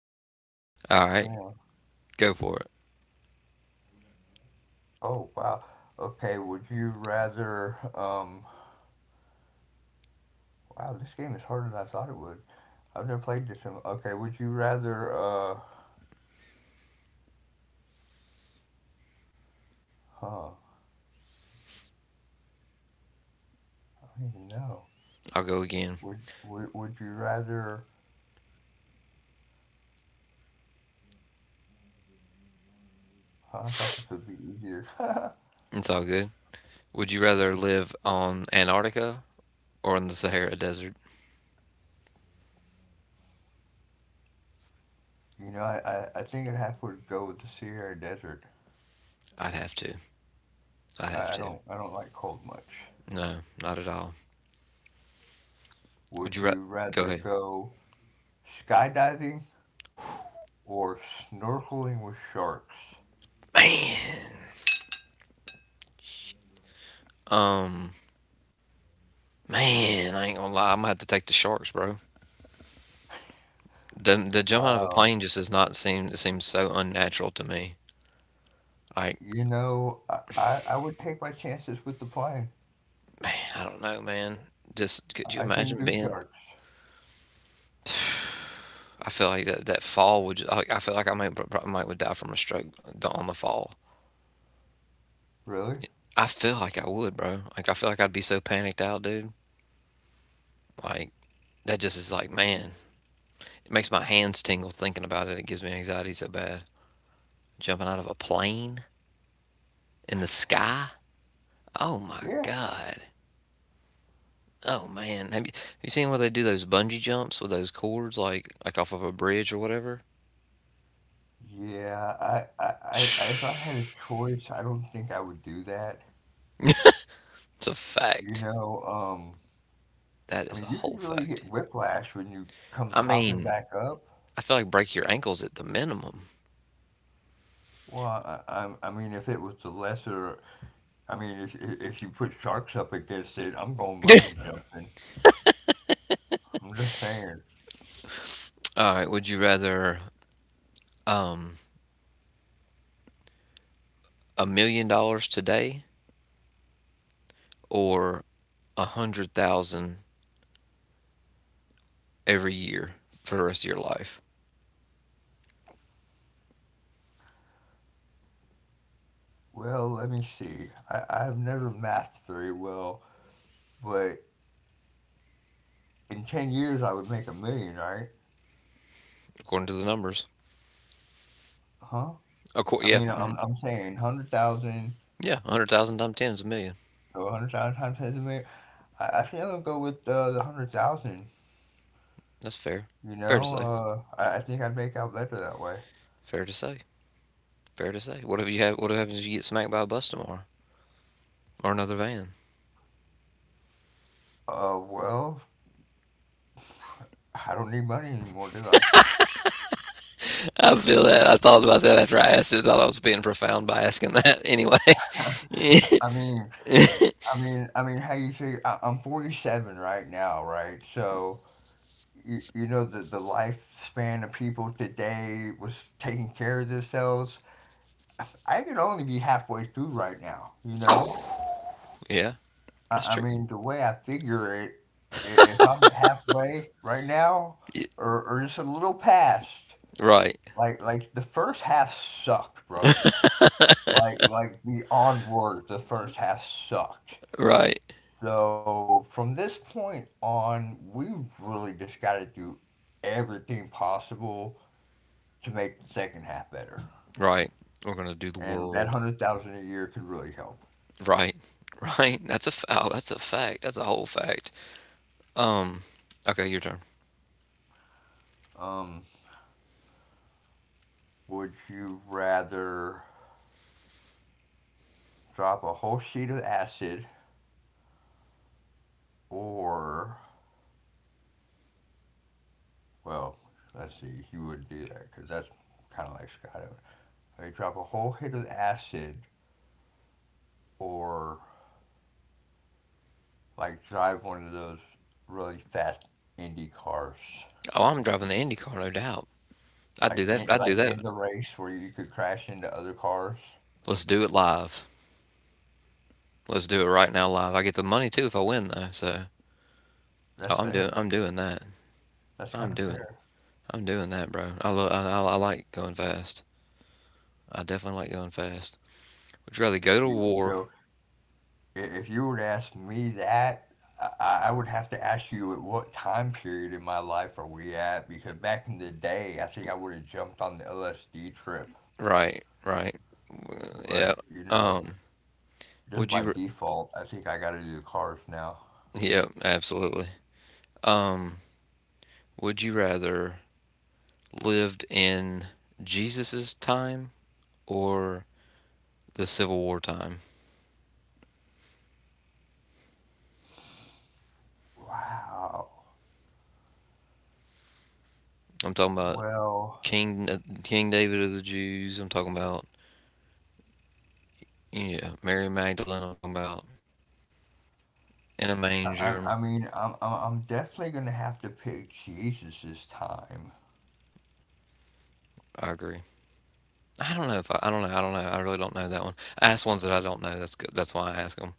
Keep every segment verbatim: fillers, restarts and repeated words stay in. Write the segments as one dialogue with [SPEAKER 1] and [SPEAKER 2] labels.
[SPEAKER 1] crazy. All right,
[SPEAKER 2] Yeah.
[SPEAKER 1] go for it.
[SPEAKER 2] Oh, wow. Okay, would you rather, um, wow, this game is harder than I thought it would. I've never played this in, okay, would you rather, uh, huh, I don't even know.
[SPEAKER 1] I'll go again.
[SPEAKER 2] Would, would, would you rather, huh, I thought this would be easier.
[SPEAKER 1] It's all good. Would you rather live on Antarctica or in the Sahara Desert?
[SPEAKER 2] You know, I, I, I think I'd have to go with the Sierra Desert.
[SPEAKER 1] I'd have to. I'd have
[SPEAKER 2] I, I
[SPEAKER 1] to.
[SPEAKER 2] don't, I don't like cold much.
[SPEAKER 1] No, not at all. Would
[SPEAKER 2] Would
[SPEAKER 1] you rather?
[SPEAKER 2] you
[SPEAKER 1] Go
[SPEAKER 2] rather
[SPEAKER 1] ahead?
[SPEAKER 2] go skydiving or snorkeling with sharks?
[SPEAKER 1] Um, Man, I ain't gonna lie. I'm gonna have to take the sharks, bro. The, the jump out of a
[SPEAKER 2] Wow.
[SPEAKER 1] plane just does not seem. It seems so unnatural to me. Like,
[SPEAKER 2] You know, I, I, I would take my chances with the plane.
[SPEAKER 1] man, I don't know, man. Just could you
[SPEAKER 2] I couldn't
[SPEAKER 1] imagine
[SPEAKER 2] do
[SPEAKER 1] being?
[SPEAKER 2] sharks.
[SPEAKER 1] I feel like that that fall would. Just, I, I feel like I might pro- probably might would die from a stroke on the fall.
[SPEAKER 2] Really?
[SPEAKER 1] I feel like I would, bro. Like I feel like I'd be so panicked out, dude. Like that just is like, man, it makes my hands tingle thinking about it. It gives me anxiety so bad. Jumping out of a plane in the sky. Oh my
[SPEAKER 2] Yeah.
[SPEAKER 1] God. Oh man, have you, have you seen where they do those bungee jumps with those cords, like like off of a bridge or whatever?
[SPEAKER 2] Yeah, I, I, I, if I had a choice, I don't think I would do that.
[SPEAKER 1] It's a
[SPEAKER 2] You
[SPEAKER 1] fact.
[SPEAKER 2] know, um,
[SPEAKER 1] That
[SPEAKER 2] I
[SPEAKER 1] is
[SPEAKER 2] mean,
[SPEAKER 1] a
[SPEAKER 2] you could
[SPEAKER 1] whole
[SPEAKER 2] really
[SPEAKER 1] fact.
[SPEAKER 2] get whiplash when you come
[SPEAKER 1] I
[SPEAKER 2] popping
[SPEAKER 1] mean,
[SPEAKER 2] back up.
[SPEAKER 1] I feel like break your ankles at the minimum.
[SPEAKER 2] Well, I, I, I mean, if it was the lesser, I mean, if if you put sharks up against it, I'm going bungee jumping. I'm just saying.
[SPEAKER 1] All right, would you rather a million dollars today or a hundred thousand every year for the rest of your life,
[SPEAKER 2] Well, let me see. I, I've never mathed very well, but in ten years I would make a million, right?
[SPEAKER 1] according to the numbers?
[SPEAKER 2] Huh?
[SPEAKER 1] Of
[SPEAKER 2] I
[SPEAKER 1] course, yeah.
[SPEAKER 2] mean, I'm,
[SPEAKER 1] Mhm.
[SPEAKER 2] I'm saying a hundred thousand,
[SPEAKER 1] Yeah, a hundred thousand times ten is a million.
[SPEAKER 2] so a hundred thousand times ten is a million. I, I think I'm gonna go with uh, the one hundred thousand,
[SPEAKER 1] That's fair.
[SPEAKER 2] you
[SPEAKER 1] Fair to say.
[SPEAKER 2] know? Uh, I, I think I'd make out better that way.
[SPEAKER 1] Fair to say. Fair to say. What if you have? What happens if you get smacked by a bus tomorrow or another van?
[SPEAKER 2] Uh, well, I don't need money anymore, do I?
[SPEAKER 1] I feel that. I thought about that after I asked it. I thought I was being profound by asking that. Anyway.
[SPEAKER 2] I mean, I mean, I mean, how you figure, I, I'm forty-seven right now, right? So, you, you know, the, the lifespan of people today was taking care of themselves. I could only be halfway through right now, you know?
[SPEAKER 1] Yeah,
[SPEAKER 2] I,
[SPEAKER 1] that's
[SPEAKER 2] I
[SPEAKER 1] true.
[SPEAKER 2] mean, the way I figure it, i- if I'm halfway right now, or or just a little past,
[SPEAKER 1] Right.
[SPEAKER 2] like like the first half sucked, bro. Like like beyond words, the first half sucked.
[SPEAKER 1] Right.
[SPEAKER 2] So from this point on, we really just got to do everything possible to make the second half better,
[SPEAKER 1] Right. We're gonna do the
[SPEAKER 2] and that
[SPEAKER 1] world.
[SPEAKER 2] hundred thousand a year could really help.
[SPEAKER 1] Right. Right. That's a f- oh, that's a fact. That's a whole fact. Um. Okay, your turn.
[SPEAKER 2] Um, would you rather drop a whole sheet of acid, or, well, let's see, you wouldn't do that because that's kind of like Scott. Like drop a whole hit of acid or like drive one of those really fast Indy cars.
[SPEAKER 1] Oh, I'm driving the Indy car, no doubt. I'd do
[SPEAKER 2] Like
[SPEAKER 1] that.
[SPEAKER 2] in,
[SPEAKER 1] I'd do
[SPEAKER 2] like
[SPEAKER 1] that.
[SPEAKER 2] in the race where you could crash into other cars.
[SPEAKER 1] Let's do it live. Let's do it right now live. I get the money too if I win though. So oh,
[SPEAKER 2] That's
[SPEAKER 1] I'm doing.
[SPEAKER 2] fair.
[SPEAKER 1] I'm doing that.
[SPEAKER 2] That's kind
[SPEAKER 1] I'm
[SPEAKER 2] of
[SPEAKER 1] doing.
[SPEAKER 2] fair.
[SPEAKER 1] I'm doing that, bro. I love. I, I, I like going fast. I definitely like going fast. Would you rather go to
[SPEAKER 2] You, you
[SPEAKER 1] war?
[SPEAKER 2] know, i- if you would ask me that, I, I I would have to ask you at what time period in my life are we at? Because back in the day, I think I would have jumped on the L S D trip.
[SPEAKER 1] Right. Right.
[SPEAKER 2] But,
[SPEAKER 1] Yeah.
[SPEAKER 2] you know,
[SPEAKER 1] Um.
[SPEAKER 2] just
[SPEAKER 1] Would
[SPEAKER 2] by
[SPEAKER 1] you? r-
[SPEAKER 2] default, I think I gotta do the cars now.
[SPEAKER 1] Yeah. Absolutely. Um. Would you rather lived in Jesus's time or the Civil War time?
[SPEAKER 2] Wow.
[SPEAKER 1] I'm talking about
[SPEAKER 2] Well,
[SPEAKER 1] King uh, King David of the Jews. I'm talking about yeah Mary Magdalene. I'm talking about in a
[SPEAKER 2] I,
[SPEAKER 1] manger.
[SPEAKER 2] I, I mean, I'm, I'm I'm definitely gonna have to pick Jesus this time.
[SPEAKER 1] I agree. I don't know if I, I don't know. I don't know. I really don't know that one. I ask ones that I don't know. That's good. That's why I ask them.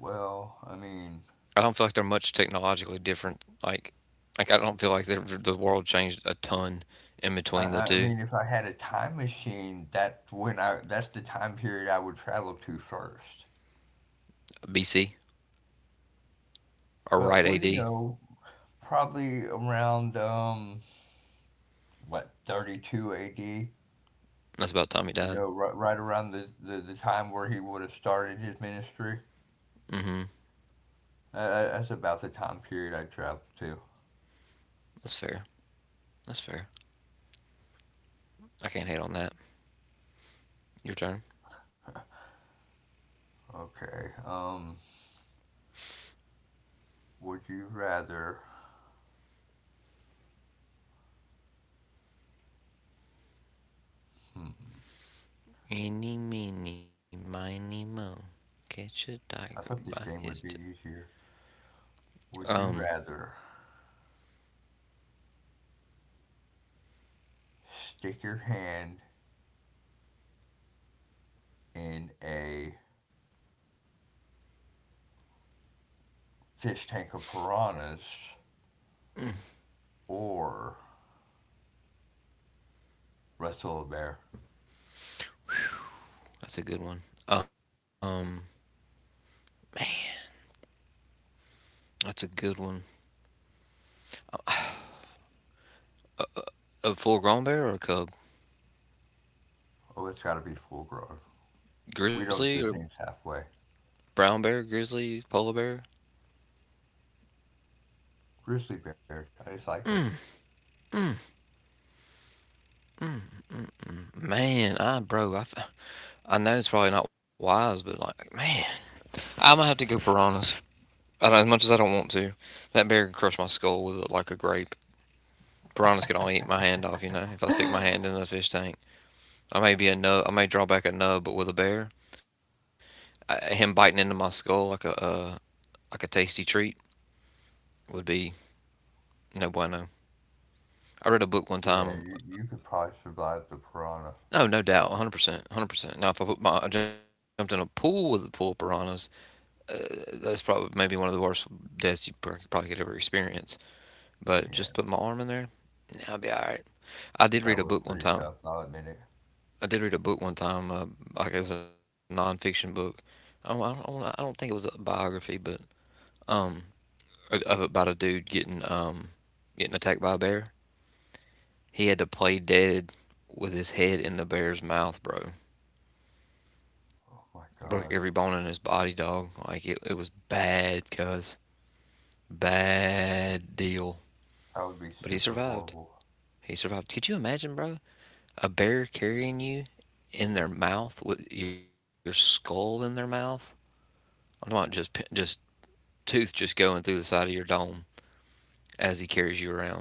[SPEAKER 2] Well, I mean,
[SPEAKER 1] I don't feel like they're much technologically different. Like, like I don't feel like they're, the world changed a ton in
[SPEAKER 2] I,
[SPEAKER 1] between the
[SPEAKER 2] I I
[SPEAKER 1] two.
[SPEAKER 2] mean, if I had a time machine, that's when I that's the time period I would travel to first.
[SPEAKER 1] B C or
[SPEAKER 2] Well,
[SPEAKER 1] right
[SPEAKER 2] well, you
[SPEAKER 1] A D.
[SPEAKER 2] know, probably around um what thirty-two A D.
[SPEAKER 1] That's about the time he
[SPEAKER 2] You
[SPEAKER 1] died.
[SPEAKER 2] know, right, right around the, the the time where he would have started his ministry.
[SPEAKER 1] Mm-hmm.
[SPEAKER 2] Uh, that's about the time period I traveled to.
[SPEAKER 1] That's fair. That's fair. I can't hate on that. Your turn.
[SPEAKER 2] Okay. Um, would you rather? Hmm,
[SPEAKER 1] Eeny, meeny, miny, mo. Catch a tiger
[SPEAKER 2] I
[SPEAKER 1] by
[SPEAKER 2] thought this
[SPEAKER 1] his
[SPEAKER 2] game
[SPEAKER 1] tail.
[SPEAKER 2] would be easier. Would you
[SPEAKER 1] Um,
[SPEAKER 2] rather stick your hand in a fish tank of piranhas or wrestle a bear?
[SPEAKER 1] that's a good one. Um, that's a good one. A full-grown bear or a cub?
[SPEAKER 2] Oh, it's got to be full grown. We
[SPEAKER 1] Grizzly or
[SPEAKER 2] don't do things halfway.
[SPEAKER 1] brown bear, grizzly, polar bear.
[SPEAKER 2] Grizzly bears, I just like them.
[SPEAKER 1] Man, I bro, I I know it's probably not wise, but like, man, I'm gonna have to go piranhas. I don't, as much as I don't want to, that bear can crush my skull with it like a grape. Piranhas can only eat my hand off, you know. If I stick my hand in the fish tank, I may be a nub. I may draw back a nub, but with a bear, I, him biting into my skull like a uh, like a tasty treat would be no bueno. I read a book one
[SPEAKER 2] Yeah, you,
[SPEAKER 1] time.
[SPEAKER 2] you could probably survive the piranha.
[SPEAKER 1] No, no doubt, one hundred percent, one hundred percent. Now, if I put my, I jumped in a pool with a pool of piranhas, uh, that's probably maybe one of the worst deaths you probably could ever experience. But just put my
[SPEAKER 2] Yeah,
[SPEAKER 1] arm in there, I'll be all right. I did read a
[SPEAKER 2] that
[SPEAKER 1] book
[SPEAKER 2] was
[SPEAKER 1] one time.
[SPEAKER 2] pretty tough. I'll admit it.
[SPEAKER 1] I did read a book one time. Uh, like it was a nonfiction book. I don't, I don't- I don't, think it was a biography, but um, of about a dude getting um getting attacked by a bear. He had to play dead with his head in the bear's mouth, bro.
[SPEAKER 2] Oh
[SPEAKER 1] Broke
[SPEAKER 2] my
[SPEAKER 1] every bone in
[SPEAKER 2] god,
[SPEAKER 1] his body, dog. Like it, it was bad, cuz bad deal.
[SPEAKER 2] that would be
[SPEAKER 1] But he
[SPEAKER 2] super
[SPEAKER 1] survived.
[SPEAKER 2] horrible.
[SPEAKER 1] He survived. Could you imagine, bro? A bear carrying you in their mouth with your skull in their mouth. I'm talking about just just tooth just going through the side of your dome as he carries you around,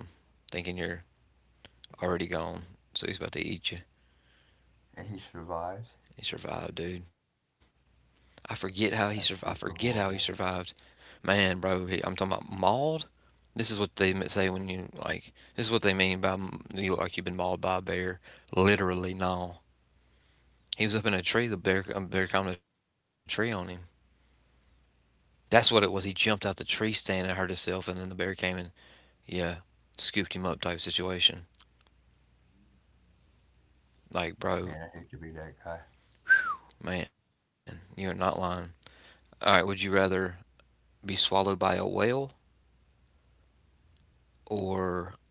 [SPEAKER 1] thinking you're already gone. So he's about to eat you.
[SPEAKER 2] And he survives.
[SPEAKER 1] He survived, dude. I forget how he survived. I
[SPEAKER 2] That's
[SPEAKER 1] forget how he
[SPEAKER 2] super
[SPEAKER 1] survived.
[SPEAKER 2] horrible.
[SPEAKER 1] Man, bro, he, I'm talking about mauled. This is what they say when you like. This is what they mean by you look like you've been mauled by a bear. Literally, no. He was up in a tree. The bear, a bear climbed a tree on him. That's what it was. He jumped out the tree stand and hurt himself, and then the bear came and, yeah, scooped him up type situation. Like, bro,
[SPEAKER 2] Man, I hate to be that guy.
[SPEAKER 1] man, you're not lying. All right, would you rather be swallowed by a whale or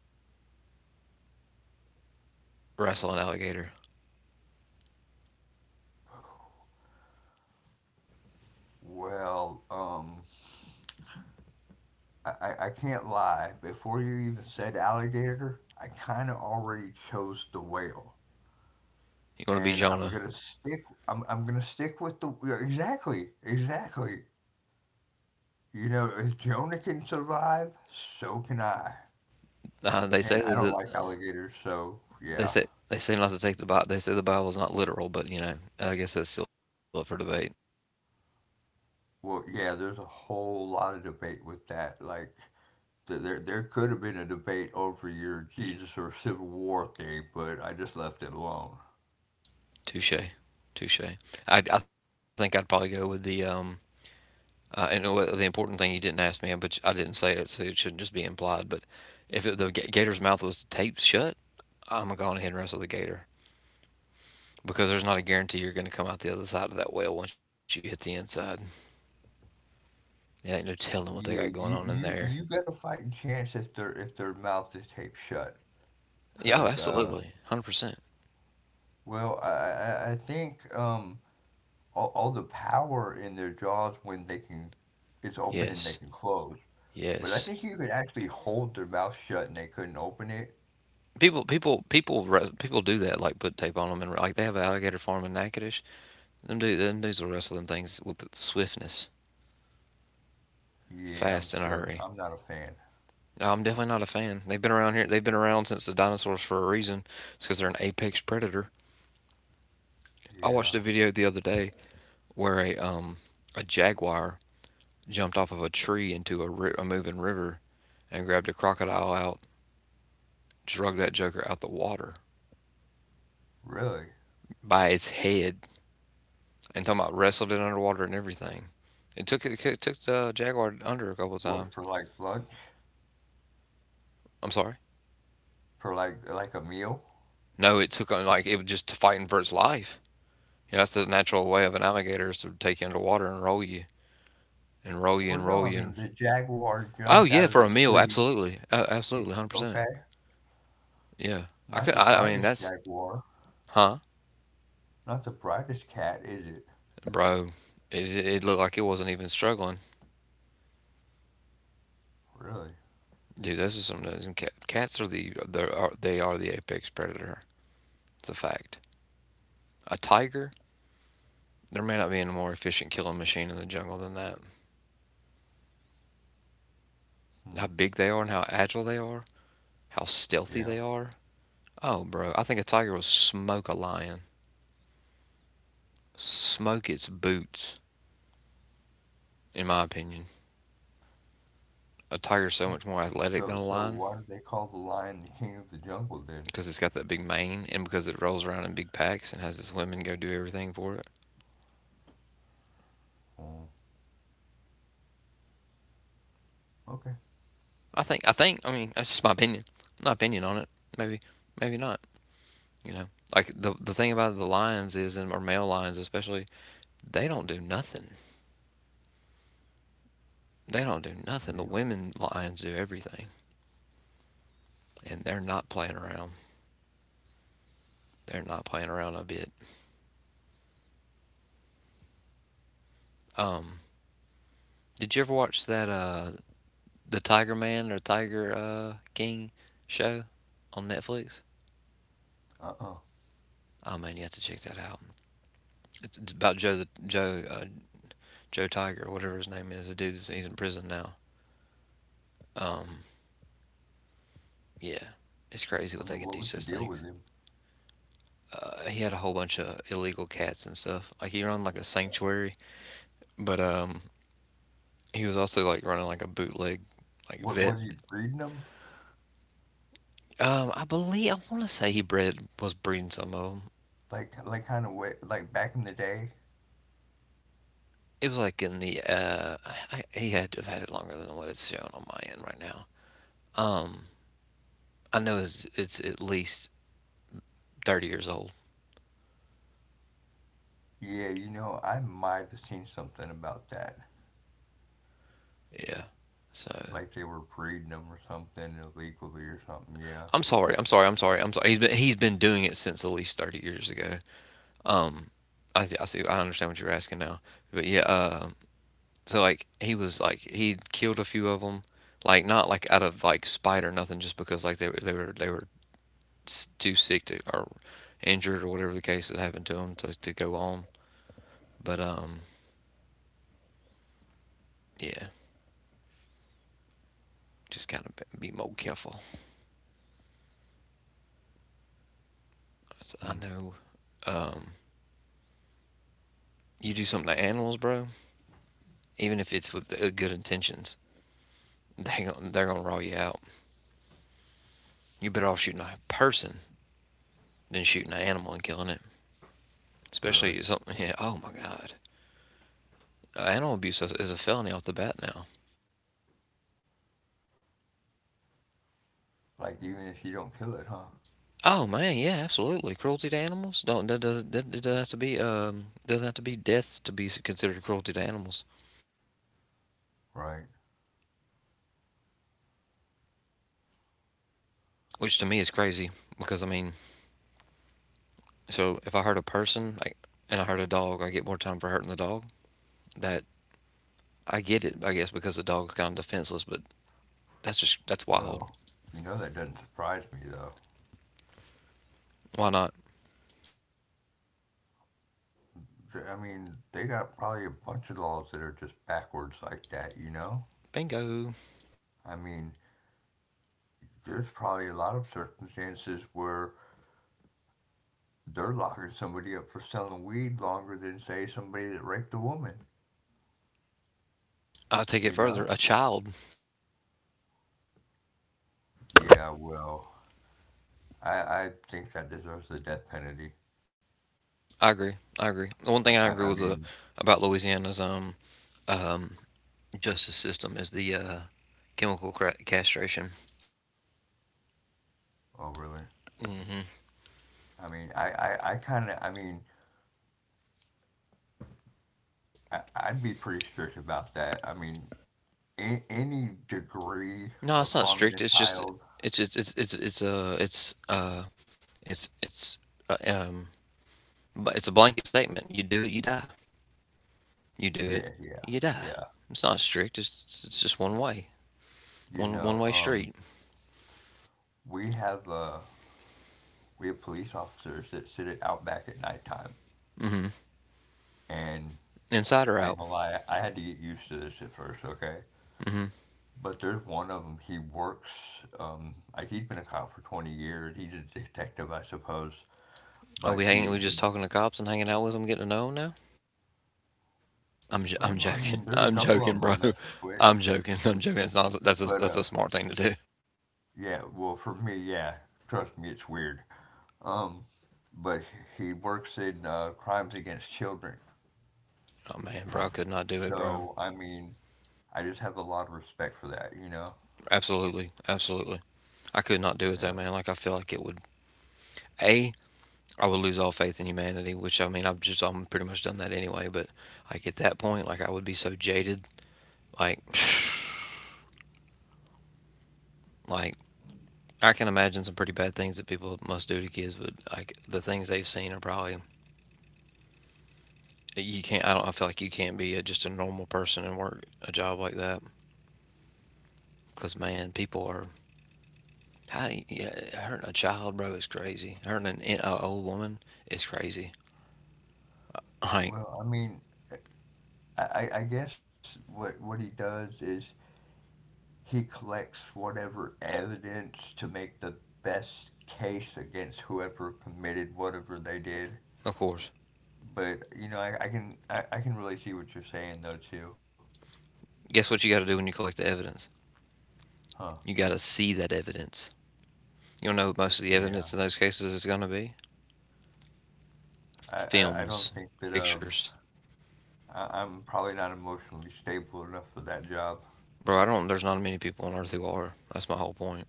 [SPEAKER 1] wrestle an alligator?
[SPEAKER 2] Well, um, I, I, I can't lie. Before you even said alligator, I kind of already chose the whale.
[SPEAKER 1] You want
[SPEAKER 2] And
[SPEAKER 1] to be
[SPEAKER 2] I'm gonna
[SPEAKER 1] Jonah?
[SPEAKER 2] stick. I'm, I'm gonna stick with the yeah, exactly, exactly. You know, if Jonah can survive, so can I.
[SPEAKER 1] Uh,
[SPEAKER 2] And
[SPEAKER 1] they
[SPEAKER 2] I don't
[SPEAKER 1] say
[SPEAKER 2] like
[SPEAKER 1] that
[SPEAKER 2] alligators, so yeah.
[SPEAKER 1] they say they say not to take the Bible. They say the Bible's not literal, but you know, I guess that's still up for debate.
[SPEAKER 2] Well, yeah. There's a whole lot of debate with that. Like, There, there could have been a debate over your Jesus or Civil War thing, but I just left it alone.
[SPEAKER 1] Touche, touche. I I think I'd probably go with the um Uh, and uh, the important thing you didn't ask me, but I didn't say it, so it shouldn't just be implied. But if it, the gator's mouth was taped shut, I'm gonna go ahead and wrestle the gator because there's not a guarantee you're gonna come out the other side of that whale once you hit the inside. It ain't no telling what they got
[SPEAKER 2] Yeah,
[SPEAKER 1] going on
[SPEAKER 2] you,
[SPEAKER 1] in
[SPEAKER 2] you,
[SPEAKER 1] there.
[SPEAKER 2] you got a fighting chance if their if their mouth is taped shut.
[SPEAKER 1] Yeah, oh,
[SPEAKER 2] Cause, uh,
[SPEAKER 1] absolutely, one hundred percent.
[SPEAKER 2] well, I, I, I think um, all, all the power in their jaws when they can, it's open and they
[SPEAKER 1] Yes,
[SPEAKER 2] can close. But I
[SPEAKER 1] yes.
[SPEAKER 2] think you could actually hold their mouth shut and they couldn't open it.
[SPEAKER 1] People, people, people, people do that. Like put tape on them, and like they have an alligator farm in Natchitoches. Them dudes, them dudes will wrestle them things with swiftness,
[SPEAKER 2] Yeah,
[SPEAKER 1] fast
[SPEAKER 2] I'm
[SPEAKER 1] in a
[SPEAKER 2] still,
[SPEAKER 1] hurry.
[SPEAKER 2] I'm not a fan.
[SPEAKER 1] No, I'm definitely not a fan. They've been around here. They've been around since the dinosaurs for a reason. It's because they're an apex predator. I watched a
[SPEAKER 2] Yeah,
[SPEAKER 1] video the other day where a um a jaguar jumped off of a tree into a, ri- a moving river and grabbed a crocodile out, drug that joker out the water
[SPEAKER 2] really.
[SPEAKER 1] by its head, and talking about wrestled it underwater and everything. It took it, it took the jaguar under a couple of times.
[SPEAKER 2] What for like lunch?
[SPEAKER 1] I'm sorry.
[SPEAKER 2] For like like a meal?
[SPEAKER 1] No, it took on like it was just fighting for its life. You know, that's the natural way of an alligator is to take you underwater and roll you and roll you and
[SPEAKER 2] Well,
[SPEAKER 1] roll
[SPEAKER 2] no,
[SPEAKER 1] you
[SPEAKER 2] I
[SPEAKER 1] and
[SPEAKER 2] mean, the jaguar
[SPEAKER 1] oh
[SPEAKER 2] jumped out
[SPEAKER 1] yeah,
[SPEAKER 2] of
[SPEAKER 1] for
[SPEAKER 2] the
[SPEAKER 1] a meal,
[SPEAKER 2] tree.
[SPEAKER 1] absolutely, uh,
[SPEAKER 2] J
[SPEAKER 1] absolutely, hundred percent.
[SPEAKER 2] Okay,
[SPEAKER 1] Yeah, I
[SPEAKER 2] not
[SPEAKER 1] could.
[SPEAKER 2] the
[SPEAKER 1] I, I mean,
[SPEAKER 2] brightest
[SPEAKER 1] that's
[SPEAKER 2] jaguar,
[SPEAKER 1] huh,
[SPEAKER 2] not the brightest cat, is it?
[SPEAKER 1] bro. It, it looked like it wasn't even struggling,
[SPEAKER 2] Really?
[SPEAKER 1] dude. Those are some. Those cat, cats are the they are they are the apex predator. It's a fact. A tiger, there may not be a more efficient killing machine in the jungle than that. How
[SPEAKER 2] Hmm.
[SPEAKER 1] big they are and how agile they are, how stealthy
[SPEAKER 2] Yeah.
[SPEAKER 1] they are. Oh, bro, I think a tiger will smoke a lion, smoke its boots. In my opinion, a tiger's so much more athletic than a
[SPEAKER 2] So, so
[SPEAKER 1] lion.
[SPEAKER 2] why do they call the lion the king of the jungle then?
[SPEAKER 1] Because it's got that big mane and because it rolls around in big packs and has its women go do everything for it.
[SPEAKER 2] Hmm. Okay.
[SPEAKER 1] I think I think I mean that's just my opinion, my opinion on it. Maybe maybe not. You know, like the the thing about the lions is, and or male lions especially, they don't do nothing. They don't do nothing. The
[SPEAKER 2] Yeah.
[SPEAKER 1] women lions do everything, and they're not playing around. They're not playing around a bit. Um, did you ever watch that uh the Tiger Man or Tiger uh King show on Netflix?
[SPEAKER 2] Uh-uh.
[SPEAKER 1] Oh man, you have to check that out. It's, it's about Joe the Joe uh, Joe Tiger or whatever his name is. The dude he's in prison now. Um, yeah, it's crazy
[SPEAKER 2] I
[SPEAKER 1] what they
[SPEAKER 2] mean,
[SPEAKER 1] can
[SPEAKER 2] what was
[SPEAKER 1] teach
[SPEAKER 2] the
[SPEAKER 1] those
[SPEAKER 2] deal with
[SPEAKER 1] things.
[SPEAKER 2] him?
[SPEAKER 1] Uh, he had a whole bunch of illegal cats and stuff. Like he run like a sanctuary, but um, he was also like running like a bootleg like
[SPEAKER 2] What
[SPEAKER 1] vet.
[SPEAKER 2] was he breeding them?
[SPEAKER 1] Um, I believe I want to say he bred was breeding some of them.
[SPEAKER 2] Like, like kind of way, like back in the day?
[SPEAKER 1] It was like in the uh, I, I, he had to have had it longer than what it's shown on my end right now. Um, I know it's it's at least thirty years old.
[SPEAKER 2] Yeah, you know, I might have seen something about that.
[SPEAKER 1] Yeah, so
[SPEAKER 2] Like they were breeding them or something illegally or something. Yeah.
[SPEAKER 1] I'm sorry. I'm sorry. I'm sorry. I'm sorry. He's been he's been doing it since at least thirty years ago. Um, I th- I see. I understand what you're asking now. But yeah. Um, so like he was like he killed a few of them, like not like out of like spite or nothing, just because like they were they were they were s- too sick to or injured, or whatever the case that happened to them to to go on. But um, yeah, just gotta be more careful. That's- I
[SPEAKER 2] Hmm.
[SPEAKER 1] know. Um, you do something to animals, bro. Even if it's with uh, good intentions, they gon- they're gonna raw you out. You're better off shooting a person than shooting an animal and killing it.
[SPEAKER 2] Really?
[SPEAKER 1] Especially something. Yeah, oh my God. Uh, animal abuse is- a felony off the bat now.
[SPEAKER 2] Like, even if you don't kill it, huh?
[SPEAKER 1] Oh man, yeah, absolutely. Cruelty to animals don't that does that doesn't have to be um doesn't have to be deaths to be considered cruelty to animals,
[SPEAKER 2] Right.
[SPEAKER 1] which to me is crazy because I mean, so if I hurt a person like and I hurt a dog, I get more time for hurting the dog. That I get it, I guess, because the dog's kind of defenseless, but that's just that's wild.
[SPEAKER 2] Well, you know that doesn't surprise me, though.
[SPEAKER 1] Why not?
[SPEAKER 2] Th- I mean, they got probably a bunch of laws that are just backwards like that, you know?
[SPEAKER 1] Bingo.
[SPEAKER 2] I mean, there's probably a lot of circumstances where they're locking somebody up for selling weed longer than, say, somebody that raped a woman,
[SPEAKER 1] I'll take it
[SPEAKER 2] you
[SPEAKER 1] further.
[SPEAKER 2] know?
[SPEAKER 1] A child.
[SPEAKER 2] Yeah, well, I, I think that deserves the death penalty.
[SPEAKER 1] I agree. I agree. The one
[SPEAKER 2] I,
[SPEAKER 1] thing
[SPEAKER 2] I,
[SPEAKER 1] I
[SPEAKER 2] I
[SPEAKER 1] agree with
[SPEAKER 2] mean,
[SPEAKER 1] the, about Louisiana's um, um, justice system is the uh, chemical cra- castration.
[SPEAKER 2] oh, really?
[SPEAKER 1] Hmm.
[SPEAKER 2] I mean, I, I, I kind of, I mean, I, I'd be pretty strict about that. I mean, A any degree
[SPEAKER 1] No, it's
[SPEAKER 2] of
[SPEAKER 1] not strict.
[SPEAKER 2] harming a
[SPEAKER 1] It's just
[SPEAKER 2] child.
[SPEAKER 1] it's it's it's it's it's uh it's uh it's it's uh, um but it's a blanket statement. You do it, you die. You do it,
[SPEAKER 2] Yeah, yeah,
[SPEAKER 1] you die.
[SPEAKER 2] yeah.
[SPEAKER 1] It's not strict. It's it's just one way,
[SPEAKER 2] You
[SPEAKER 1] one one
[SPEAKER 2] know,
[SPEAKER 1] way
[SPEAKER 2] um,
[SPEAKER 1] street.
[SPEAKER 2] we have uh, we have police officers that sit it out back at nighttime,
[SPEAKER 1] Hmm.
[SPEAKER 2] and
[SPEAKER 1] Inside or
[SPEAKER 2] I ain't
[SPEAKER 1] out.
[SPEAKER 2] gonna lie, I had to get used to this at first, okay?
[SPEAKER 1] Hmm.
[SPEAKER 2] But there's one of them. He works. Um, like he's been a cop for twenty years. He's a detective, I suppose.
[SPEAKER 1] Are
[SPEAKER 2] But
[SPEAKER 1] we hanging?
[SPEAKER 2] he,
[SPEAKER 1] We
[SPEAKER 2] he
[SPEAKER 1] just talking to cops and hanging out with them, getting to know them now? I'm j- I'm
[SPEAKER 2] well, I
[SPEAKER 1] joking.
[SPEAKER 2] mean, there's a
[SPEAKER 1] I'm
[SPEAKER 2] couple of
[SPEAKER 1] joking,
[SPEAKER 2] them I
[SPEAKER 1] bro.
[SPEAKER 2] mess with,
[SPEAKER 1] I'm joking. I'm joking. It's not. That's a,
[SPEAKER 2] but uh,
[SPEAKER 1] that's a smart thing to do.
[SPEAKER 2] yeah. Well, for me, yeah. Trust me, it's weird. Um, but he works in uh, crimes against children.
[SPEAKER 1] Oh man, bro, I could not do it, bro.
[SPEAKER 2] So, I mean, I just have a lot of respect for that, you know?
[SPEAKER 1] Absolutely, absolutely. I could not do it though,
[SPEAKER 2] Yeah.
[SPEAKER 1] man. Like I feel like it would. A, I would lose all faith in humanity, which I mean, I've just I'm pretty much done that anyway. But like at that point, like I would be so jaded, like, like I can imagine some pretty bad things that people must do to kids, but like the things they've seen are probably you can't. I don't. I feel like you can't be a, just a normal person and work a job like that. Because, man, people are. How, yeah, hurting a child, bro, is crazy. Hurting an, in- old woman is crazy. Hank,
[SPEAKER 2] Well, I mean, I, I I guess what, what he does is he collects whatever evidence to make the best case against whoever committed whatever they did.
[SPEAKER 1] of course.
[SPEAKER 2] But, you know, I, I can I, I can really see what you're saying though too.
[SPEAKER 1] Guess what you got to do when you collect the evidence?
[SPEAKER 2] Huh.
[SPEAKER 1] You got to see that evidence. You don't know what most of the
[SPEAKER 2] Yeah.
[SPEAKER 1] evidence in those cases is going to be?
[SPEAKER 2] I, I, I don't
[SPEAKER 1] Films,
[SPEAKER 2] think that um
[SPEAKER 1] pictures.
[SPEAKER 2] I, I'm probably not emotionally stable enough for that job.
[SPEAKER 1] Bro, I don't. There's not many people on earth who are. That's my whole point.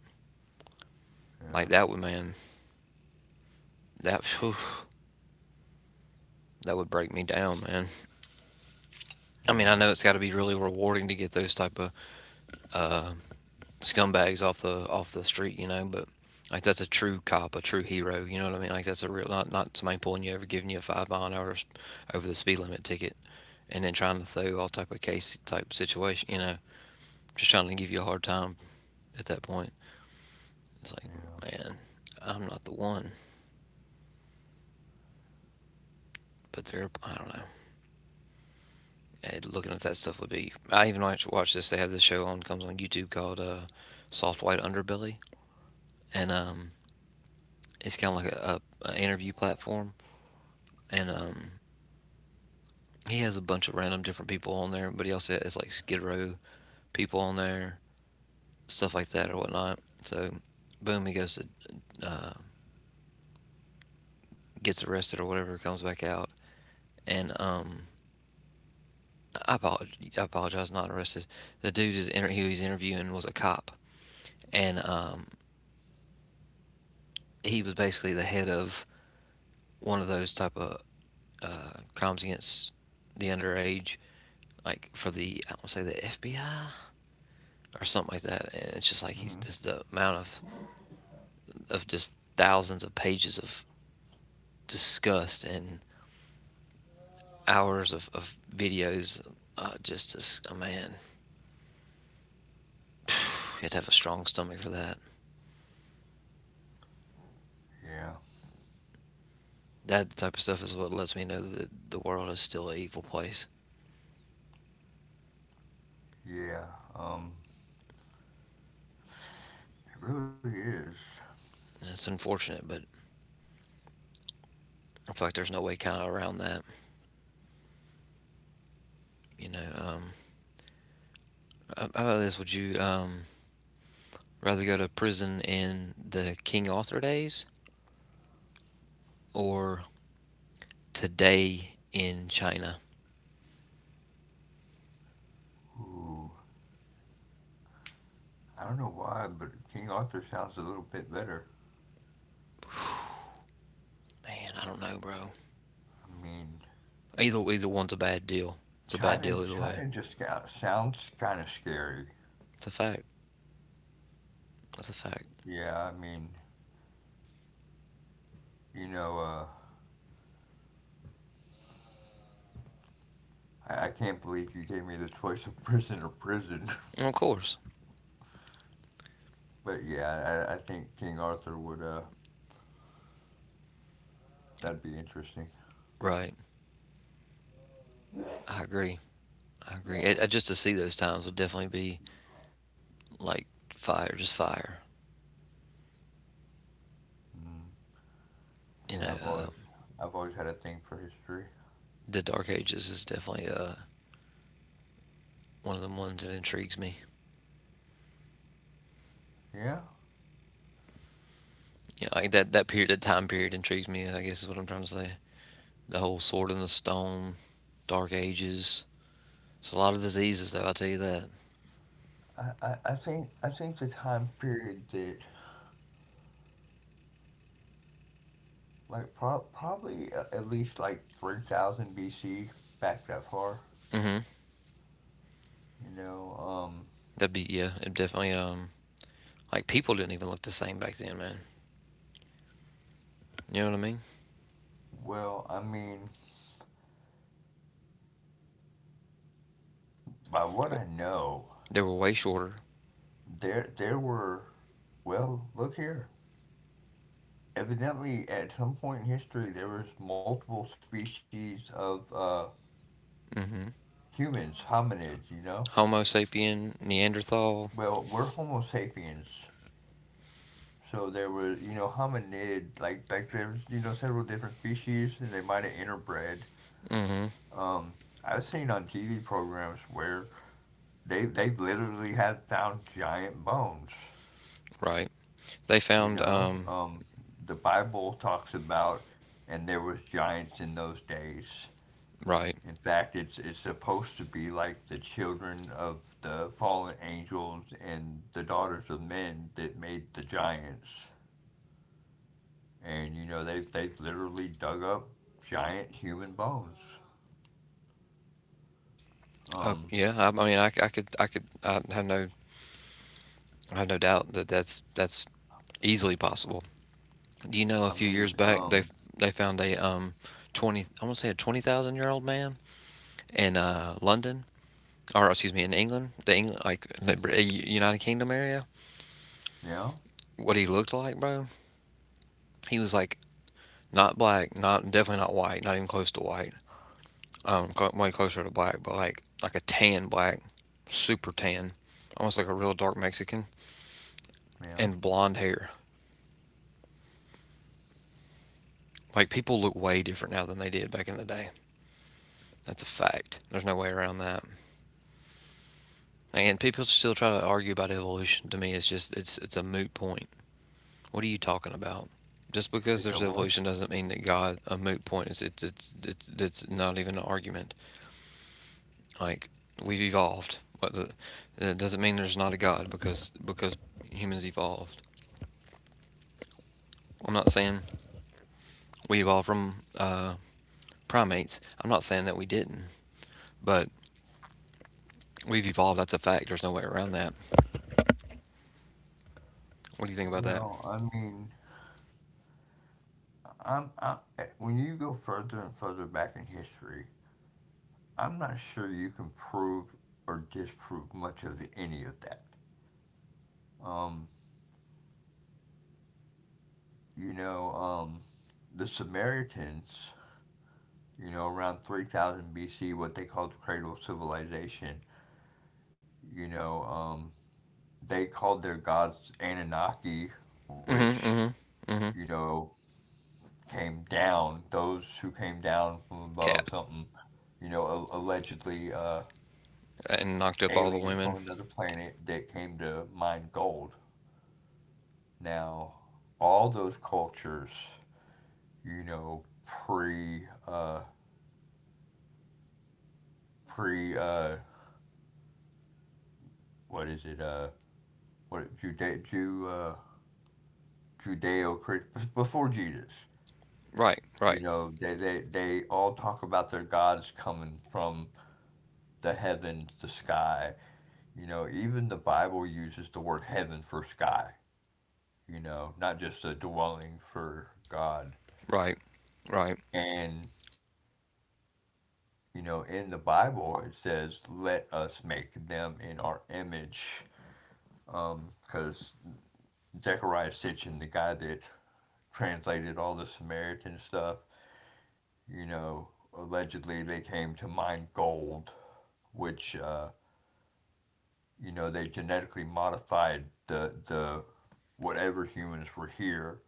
[SPEAKER 1] Like,
[SPEAKER 2] Yeah,
[SPEAKER 1] that would, man. That. Whew, that would break me down, man. I mean, I
[SPEAKER 2] yeah,
[SPEAKER 1] know it's got to be really rewarding to get those type of uh, scumbags off the off the street, you know. But like that's a true cop, a true hero. You know what I mean? Like that's a real not not somebody pulling you over, giving you a five mile an hour over the speed limit ticket, and then trying to throw all type of case type situation. You know, just trying to give you a hard time at that point. It's like,
[SPEAKER 2] yeah,
[SPEAKER 1] man, I'm not the one. But they're I don't know. And looking at that stuff would be. I even watch watch this. They have this show on comes on YouTube called uh, Soft White Underbelly, and um, it's kind of like a, a, a interview platform. And um, he has a bunch of random different people on there, but he also has like Skid Row people on there, stuff like that or whatnot. So, boom, he goes to uh, gets arrested or whatever, comes back out, and um, I apologize, I apologize, not arrested. The dude is inter- who he's interviewing was a cop, and um, he was basically the head of one of those type of uh, crimes against the underage, like for the I want to say the F B I or something like that. And it's just like he's
[SPEAKER 2] hmm
[SPEAKER 1] just the amount of of just thousands of pages of disgust and hours of, of videos. Uh, just as a oh man, you'd have to have a strong stomach for that.
[SPEAKER 2] yeah,
[SPEAKER 1] That type of stuff is what lets me know that the world is still an evil place.
[SPEAKER 2] yeah. Um, it really is.
[SPEAKER 1] And it's unfortunate, but I feel like there's no way kind of around that. You know, um, how about this? Would you um, rather go to prison in the King Arthur days or today in China?
[SPEAKER 2] Ooh, I don't know why, but King Arthur sounds a little bit better.
[SPEAKER 1] Man, I don't know, bro.
[SPEAKER 2] I mean,
[SPEAKER 1] Either either one's a bad deal. It's a bad
[SPEAKER 2] China,
[SPEAKER 1] deal either way.
[SPEAKER 2] China just got, sounds kind of scary.
[SPEAKER 1] It's a fact. That's a fact.
[SPEAKER 2] Yeah, I mean, you know, uh, I, I can't believe you gave me the choice of prison or prison.
[SPEAKER 1] And of course.
[SPEAKER 2] But yeah, I, I think King Arthur would, uh,
[SPEAKER 1] Yep.
[SPEAKER 2] that'd be interesting.
[SPEAKER 1] Right. I agree. I agree. It, I, just to see those times would definitely be like fire, just fire.
[SPEAKER 2] Mm-hmm. Yeah,
[SPEAKER 1] You
[SPEAKER 2] I've
[SPEAKER 1] know,
[SPEAKER 2] always
[SPEAKER 1] um,
[SPEAKER 2] I've always had a thing for history.
[SPEAKER 1] the Dark Ages is definitely uh, one of the ones that intrigues me.
[SPEAKER 2] Yeah,
[SPEAKER 1] You know, like that that period, that time period intrigues me. I guess is what I'm trying to say. The whole sword in the stone, Dark Ages. It's a lot of diseases, though. I will tell you that.
[SPEAKER 2] I, I, I think I think the time period that like pro- probably a- at least like three thousand B C back that far.
[SPEAKER 1] Hmm.
[SPEAKER 2] You know, um,
[SPEAKER 1] That'd be yeah. It definitely um like people didn't even look the same back then, man. You know what I mean?
[SPEAKER 2] well, I mean, by what I know,
[SPEAKER 1] They were way shorter.
[SPEAKER 2] there there were, well, look here. Evidently, at some point in history, there was multiple species of uh, humans, hominids. You know,
[SPEAKER 1] Homo sapien, Neanderthal,
[SPEAKER 2] well, we're Homo sapiens. So there was, you know, hominid, like, like there's, you know, several different species, and they might have interbred. Um, I've seen on T V programs where they they literally have found giant bones.
[SPEAKER 1] right. They
[SPEAKER 2] You
[SPEAKER 1] found,
[SPEAKER 2] know,
[SPEAKER 1] um,
[SPEAKER 2] um, the Bible talks about, and there was giants in those days.
[SPEAKER 1] right.
[SPEAKER 2] In fact, it's it's supposed to be like the children of the fallen angels and the daughters of men that made the giants. and you know they they have literally dug up giant human bones.
[SPEAKER 1] Oh,
[SPEAKER 2] Um,
[SPEAKER 1] yeah. I, I mean, I I could, I could, I have no, I have no doubt that that's, that's easily possible. Do you know a
[SPEAKER 2] I
[SPEAKER 1] few years
[SPEAKER 2] mean,
[SPEAKER 1] back they,
[SPEAKER 2] um,
[SPEAKER 1] they found a, um, twenty, I want to say a twenty thousand year old man in, uh, London, or excuse me, in England, the England, like the Br- uh, United Kingdom area,
[SPEAKER 2] yeah,
[SPEAKER 1] what he looked like, bro. He was like not black, not, definitely not white, not even close to white. Um, way closer to black, but like like a tan black, super tan, almost like a real dark Mexican,
[SPEAKER 2] yeah.
[SPEAKER 1] and blonde hair. Like people look way different now than they did back in the day. That's a fact. There's no way around that. And people still try to argue about evolution. To me, it's just it's it's a moot point. What are you talking about? Just because
[SPEAKER 2] It's a
[SPEAKER 1] there's
[SPEAKER 2] what?
[SPEAKER 1] evolution doesn't mean that God a moot point. It's it's it's it's, it's not even an argument. Like we've evolved. What the, it doesn't mean there's not a God because because humans evolved. I'm not saying we evolved from uh, primates. I'm not saying that we didn't, but we've evolved. That's a fact. There's no way around that. What do you think about that?
[SPEAKER 2] Well, I mean, I'm I, when you go further and further back in history, I'm not sure you can prove or disprove much of the, any of that. Um, you know, um, the Samaritans, you know, around three thousand B C, what they called the cradle of civilization, you know, um, they called their gods Anunnaki,
[SPEAKER 1] Mm-hmm.
[SPEAKER 2] which,
[SPEAKER 1] Mm-hmm. Mm-hmm.
[SPEAKER 2] you know, came down. Those who came down from above,
[SPEAKER 1] Cap
[SPEAKER 2] something, you know, a- allegedly uh,
[SPEAKER 1] and knocked up all the
[SPEAKER 2] aliens
[SPEAKER 1] women.
[SPEAKER 2] from another planet that came to mine gold. Now, all those cultures, you know, pre, uh, pre, uh, what is it, uh, what, Jude- Ju- uh, Judeo-Christian, before Jesus,
[SPEAKER 1] Right. Right.
[SPEAKER 2] you know, they, they, they all talk about their gods coming from the heavens, the sky. You know, even the Bible uses the word heaven for sky, you know, not just a dwelling for God.
[SPEAKER 1] Right. Right.
[SPEAKER 2] And, you know, in the Bible, it says, let us make them in our image. Um, Because Zechariah Sitchin, the guy that translated all the Samaritan stuff, you know, allegedly they came to mine gold, which, uh, you know, they genetically modified the, the, whatever humans were here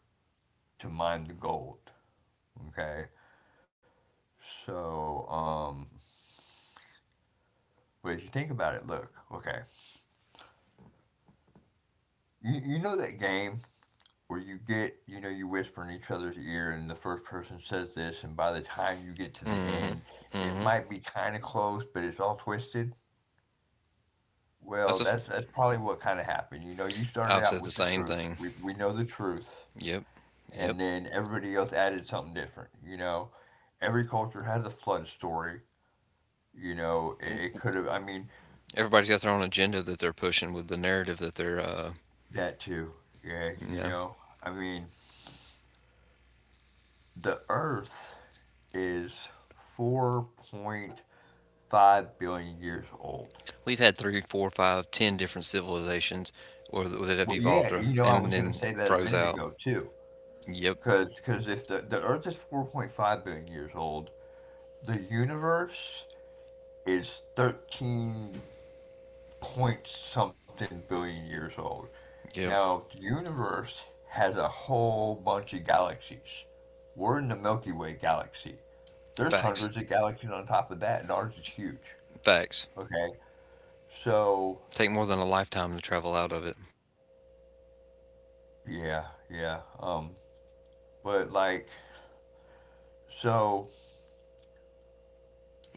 [SPEAKER 2] to mine the gold. Okay, so um, but if you think about it, look, okay, you you know that game where you get you know you whisper in each other's ear and the first person says this, and by the time you get to the
[SPEAKER 1] Mm-hmm.
[SPEAKER 2] end, it
[SPEAKER 1] Mm-hmm.
[SPEAKER 2] might be kind of close, but it's all twisted. Well,
[SPEAKER 1] That's a. F-
[SPEAKER 2] that's that's probably what kind of happened. You know, you started
[SPEAKER 1] I've
[SPEAKER 2] out
[SPEAKER 1] said
[SPEAKER 2] with
[SPEAKER 1] the
[SPEAKER 2] the
[SPEAKER 1] same
[SPEAKER 2] truth.
[SPEAKER 1] thing.
[SPEAKER 2] We we know the truth,
[SPEAKER 1] Yep.
[SPEAKER 2] and
[SPEAKER 1] Yep.
[SPEAKER 2] then everybody else added something different. You know, every culture has a flood story. You know, it, it could have. I mean,
[SPEAKER 1] Everybody's got their own agenda that they're pushing with the narrative that they're, uh,
[SPEAKER 2] that too. Yeah,
[SPEAKER 1] you
[SPEAKER 2] you
[SPEAKER 1] know,
[SPEAKER 2] know, I mean, the Earth is four point five billion years old.
[SPEAKER 1] we've had three, four, five, ten different civilizations, or that have
[SPEAKER 2] Well, yeah,
[SPEAKER 1] evolved, or,
[SPEAKER 2] you know, I
[SPEAKER 1] and
[SPEAKER 2] was going to
[SPEAKER 1] then
[SPEAKER 2] say that a
[SPEAKER 1] froze
[SPEAKER 2] minute
[SPEAKER 1] out.
[SPEAKER 2] ago too.
[SPEAKER 1] Yep.
[SPEAKER 2] Because because if the, the Earth is four point five billion years old, the universe is thirteen point something billion years old.
[SPEAKER 1] Yep.
[SPEAKER 2] Now, the universe has a whole bunch of galaxies. We're in the Milky Way galaxy. There's
[SPEAKER 1] Facts.
[SPEAKER 2] hundreds of galaxies on top of that, and ours is huge.
[SPEAKER 1] Facts.
[SPEAKER 2] Okay, so
[SPEAKER 1] Take more than a lifetime to travel out of it.
[SPEAKER 2] yeah, yeah. Um, but like, so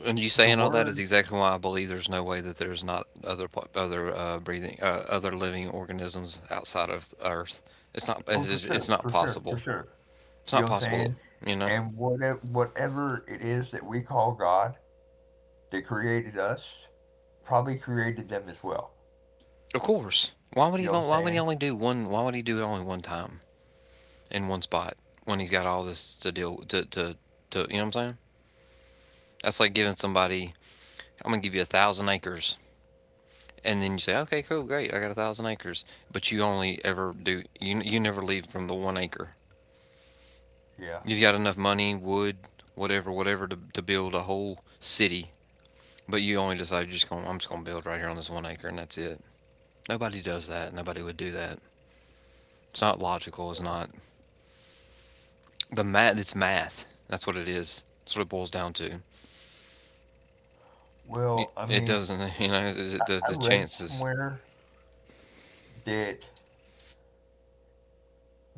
[SPEAKER 1] And you
[SPEAKER 2] the
[SPEAKER 1] saying all that is
[SPEAKER 2] word,
[SPEAKER 1] exactly why I believe there's no way that there's not other pl- other uh, breathing uh, other living organisms outside of Earth. It's not
[SPEAKER 2] oh,
[SPEAKER 1] it's,
[SPEAKER 2] for
[SPEAKER 1] just-
[SPEAKER 2] sure,
[SPEAKER 1] it's not
[SPEAKER 2] for sure, for
[SPEAKER 1] possible.
[SPEAKER 2] sure.
[SPEAKER 1] It's
[SPEAKER 2] You know
[SPEAKER 1] not
[SPEAKER 2] what I'm
[SPEAKER 1] possible.
[SPEAKER 2] saying?
[SPEAKER 1] You know.
[SPEAKER 2] And whatever, whatever it is that we call God, that created us, probably created them as well.
[SPEAKER 1] Of course. Why would he?
[SPEAKER 2] You know what I'm
[SPEAKER 1] Why would he
[SPEAKER 2] saying?
[SPEAKER 1] only do one? Why would he do it only one time in one spot when he's got all this to deal to to to? You know what I'm saying? That's like giving somebody. I'm gonna give you a thousand acres and then you say, okay, cool, great, I got a thousand acres, but you only ever do you you never leave from the one acre.
[SPEAKER 2] Yeah.
[SPEAKER 1] You've got enough money, wood, whatever, whatever to, to build a whole city, but you only decide you're just going, I'm just going to build right here on this one acre, and that's it. Nobody does that. Nobody would do that. It's not logical. It's not the math. It's math. That's what it is. That's what it boils down to.
[SPEAKER 2] Well, I
[SPEAKER 1] It,
[SPEAKER 2] mean,
[SPEAKER 1] doesn't, you know, the,
[SPEAKER 2] I
[SPEAKER 1] the
[SPEAKER 2] read
[SPEAKER 1] chances.
[SPEAKER 2] somewhere that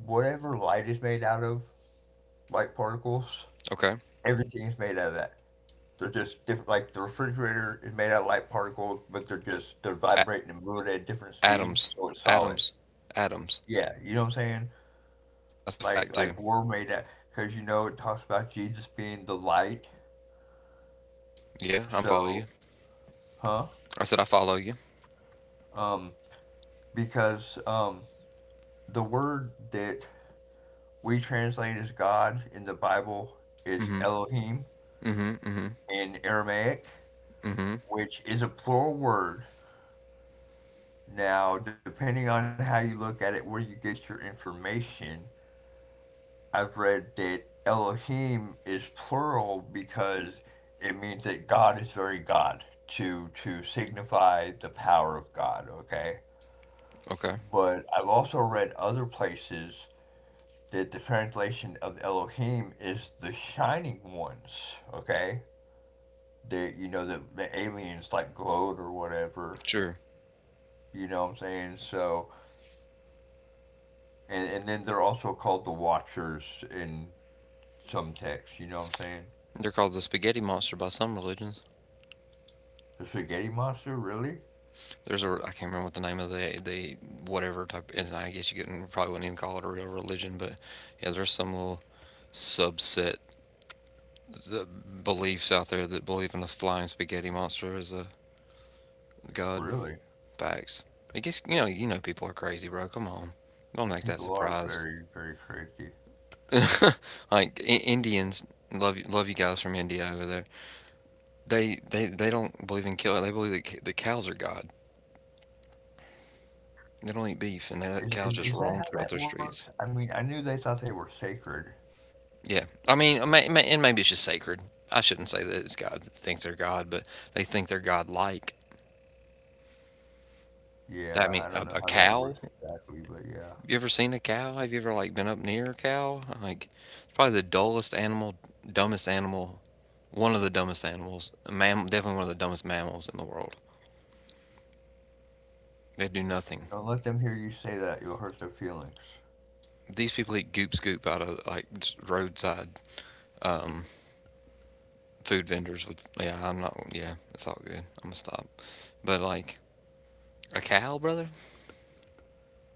[SPEAKER 2] whatever light is made out of, light particles,
[SPEAKER 1] Okay.
[SPEAKER 2] everything's made out of that. They're just different. Like the refrigerator is made out of light particles, but they're just they're
[SPEAKER 1] A-
[SPEAKER 2] vibrating and moving at different speeds,
[SPEAKER 1] Atoms.
[SPEAKER 2] so it's solid.
[SPEAKER 1] Atoms. Atoms.
[SPEAKER 2] Yeah, you know what I'm saying?
[SPEAKER 1] That's a
[SPEAKER 2] Like
[SPEAKER 1] fact, too.
[SPEAKER 2] like we're made out because you know it talks about Jesus being the light.
[SPEAKER 1] Yeah, I'm following you.
[SPEAKER 2] So huh?
[SPEAKER 1] I said I follow you.
[SPEAKER 2] Um, because um, the word that we translate as God in the Bible is
[SPEAKER 1] Mm-hmm.
[SPEAKER 2] Elohim
[SPEAKER 1] Mm-hmm. Mm-hmm.
[SPEAKER 2] in Aramaic,
[SPEAKER 1] Mm-hmm.
[SPEAKER 2] which is a plural word. Now, depending on how you look at it, where you get your information, I've read that Elohim is plural because it means that God is very God to to signify the power of God, okay?
[SPEAKER 1] Okay.
[SPEAKER 2] But I've also read other places that the translation of Elohim is the shining ones, okay? That you know the the aliens like glowed or whatever.
[SPEAKER 1] Sure.
[SPEAKER 2] You know what I'm saying? So And, and then they're also called the Watchers in some texts, you know what I'm saying?
[SPEAKER 1] They're called the spaghetti monster by some religions.
[SPEAKER 2] The spaghetti monster, really?
[SPEAKER 1] There's a I can't remember what the name of the the whatever type, and I guess you couldn't, probably wouldn't even call it a real religion, but yeah, there's some little subset the beliefs out there that believe in the flying spaghetti monster as a god.
[SPEAKER 2] Really?
[SPEAKER 1] Facts. I guess you know you know people are crazy, bro. Come on, don't act that
[SPEAKER 2] People are
[SPEAKER 1] surprised.
[SPEAKER 2] very, very crazy.
[SPEAKER 1] like I- Indians, love you, love you guys from India over there. They they they don't believe in killing. They believe that c- the cows are God. They don't eat beef, and they let
[SPEAKER 2] Is,
[SPEAKER 1] cows
[SPEAKER 2] is,
[SPEAKER 1] just
[SPEAKER 2] is that
[SPEAKER 1] roam
[SPEAKER 2] how
[SPEAKER 1] throughout
[SPEAKER 2] that
[SPEAKER 1] their
[SPEAKER 2] works?
[SPEAKER 1] streets.
[SPEAKER 2] I mean, I knew they thought they were sacred.
[SPEAKER 1] Yeah, I mean, it may, it may- and maybe it's just sacred. I shouldn't say that it's God that thinks they're God, but they think they're God-like.
[SPEAKER 2] Yeah,
[SPEAKER 1] I
[SPEAKER 2] I
[SPEAKER 1] mean,
[SPEAKER 2] don't know
[SPEAKER 1] a,
[SPEAKER 2] how
[SPEAKER 1] a
[SPEAKER 2] that works
[SPEAKER 1] cow.
[SPEAKER 2] exactly, but yeah.
[SPEAKER 1] Have you ever seen a cow? Have you ever like been up near a cow? Like, it's probably the dullest animal, dumbest animal, one of the dumbest animals, a mam, definitely one of the dumbest mammals in the world. They do nothing.
[SPEAKER 2] Don't let them hear you say that. You'll hurt their feelings.
[SPEAKER 1] These people eat goop scoop out of like just roadside um, food vendors with yeah I'm not, yeah it's all good, I'm gonna stop. But like a cow, brother,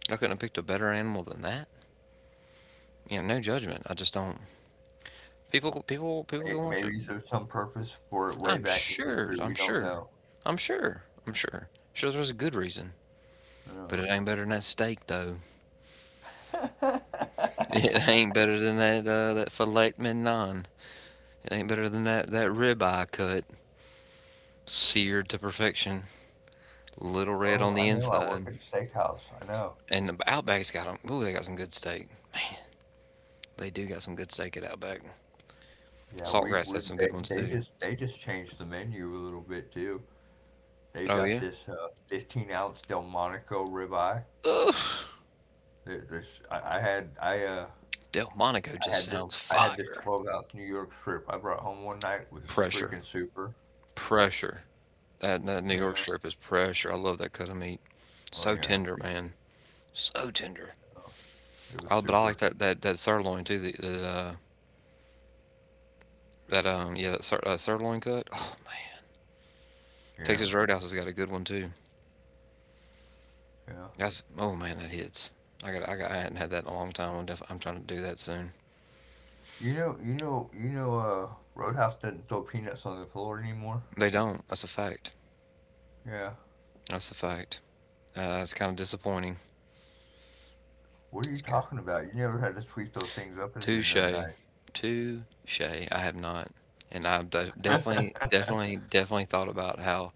[SPEAKER 1] I couldn't have picked a better animal than that. You know, no judgment, I just don't. People people people can
[SPEAKER 2] May-
[SPEAKER 1] worship.
[SPEAKER 2] Maybe there's some purpose for it way
[SPEAKER 1] i'm
[SPEAKER 2] back in
[SPEAKER 1] sure
[SPEAKER 2] history.
[SPEAKER 1] i'm
[SPEAKER 2] We don't
[SPEAKER 1] sure
[SPEAKER 2] know.
[SPEAKER 1] i'm sure i'm sure sure there's a good reason, but
[SPEAKER 2] No.
[SPEAKER 1] it ain't better than that steak though. It ain't better than that uh, that filet mignon. It ain't better than that that ribeye cut, seared to perfection, little red on
[SPEAKER 2] Oh,
[SPEAKER 1] the
[SPEAKER 2] I know. I work
[SPEAKER 1] inside.
[SPEAKER 2] at a steakhouse. I know.
[SPEAKER 1] And the Outback's got them, ooh they got some good steak. They do got some good steak at Outback.
[SPEAKER 2] Yeah, we
[SPEAKER 1] Saltgrass had
[SPEAKER 2] would.
[SPEAKER 1] some good
[SPEAKER 2] They,
[SPEAKER 1] ones
[SPEAKER 2] they
[SPEAKER 1] too.
[SPEAKER 2] just they just changed the menu a little bit too. They've
[SPEAKER 1] Oh
[SPEAKER 2] got
[SPEAKER 1] yeah.
[SPEAKER 2] this uh, fifteen ounce Delmonico ribeye.
[SPEAKER 1] Ugh.
[SPEAKER 2] There, there's I, I had I uh
[SPEAKER 1] Delmonico
[SPEAKER 2] I
[SPEAKER 1] just
[SPEAKER 2] had this
[SPEAKER 1] sounds
[SPEAKER 2] I had this
[SPEAKER 1] fire.
[SPEAKER 2] twelve ounce New York strip I brought home one night was
[SPEAKER 1] Pressure.
[SPEAKER 2] freaking super.
[SPEAKER 1] Pressure. That, that New York
[SPEAKER 2] Yeah.
[SPEAKER 1] strip is pressure. I love that cut of meat.
[SPEAKER 2] Oh
[SPEAKER 1] So
[SPEAKER 2] yeah.
[SPEAKER 1] tender, man. So tender.
[SPEAKER 2] Oh, it was
[SPEAKER 1] I, but I like
[SPEAKER 2] super.
[SPEAKER 1] that that, that sirloin too. The, the uh, that um yeah that sir, uh, sirloin cut. Oh,
[SPEAKER 2] Yeah.
[SPEAKER 1] Texas Roadhouse has got a good one too.
[SPEAKER 2] Yeah.
[SPEAKER 1] That's oh man that hits. I got I got I hadn't had that in a long time. I'm def, I'm trying to do that soon.
[SPEAKER 2] You know you know you know uh Roadhouse doesn't throw peanuts on the floor anymore.
[SPEAKER 1] They don't. That's a fact.
[SPEAKER 2] Yeah.
[SPEAKER 1] That's a fact. Uh, it's kind of disappointing.
[SPEAKER 2] What are you
[SPEAKER 1] It's g
[SPEAKER 2] talking about? You never had to sweep those things up at the
[SPEAKER 1] touche.
[SPEAKER 2] end of the night.
[SPEAKER 1] Touche. I have not. And I've de definitely, definitely, definitely thought about how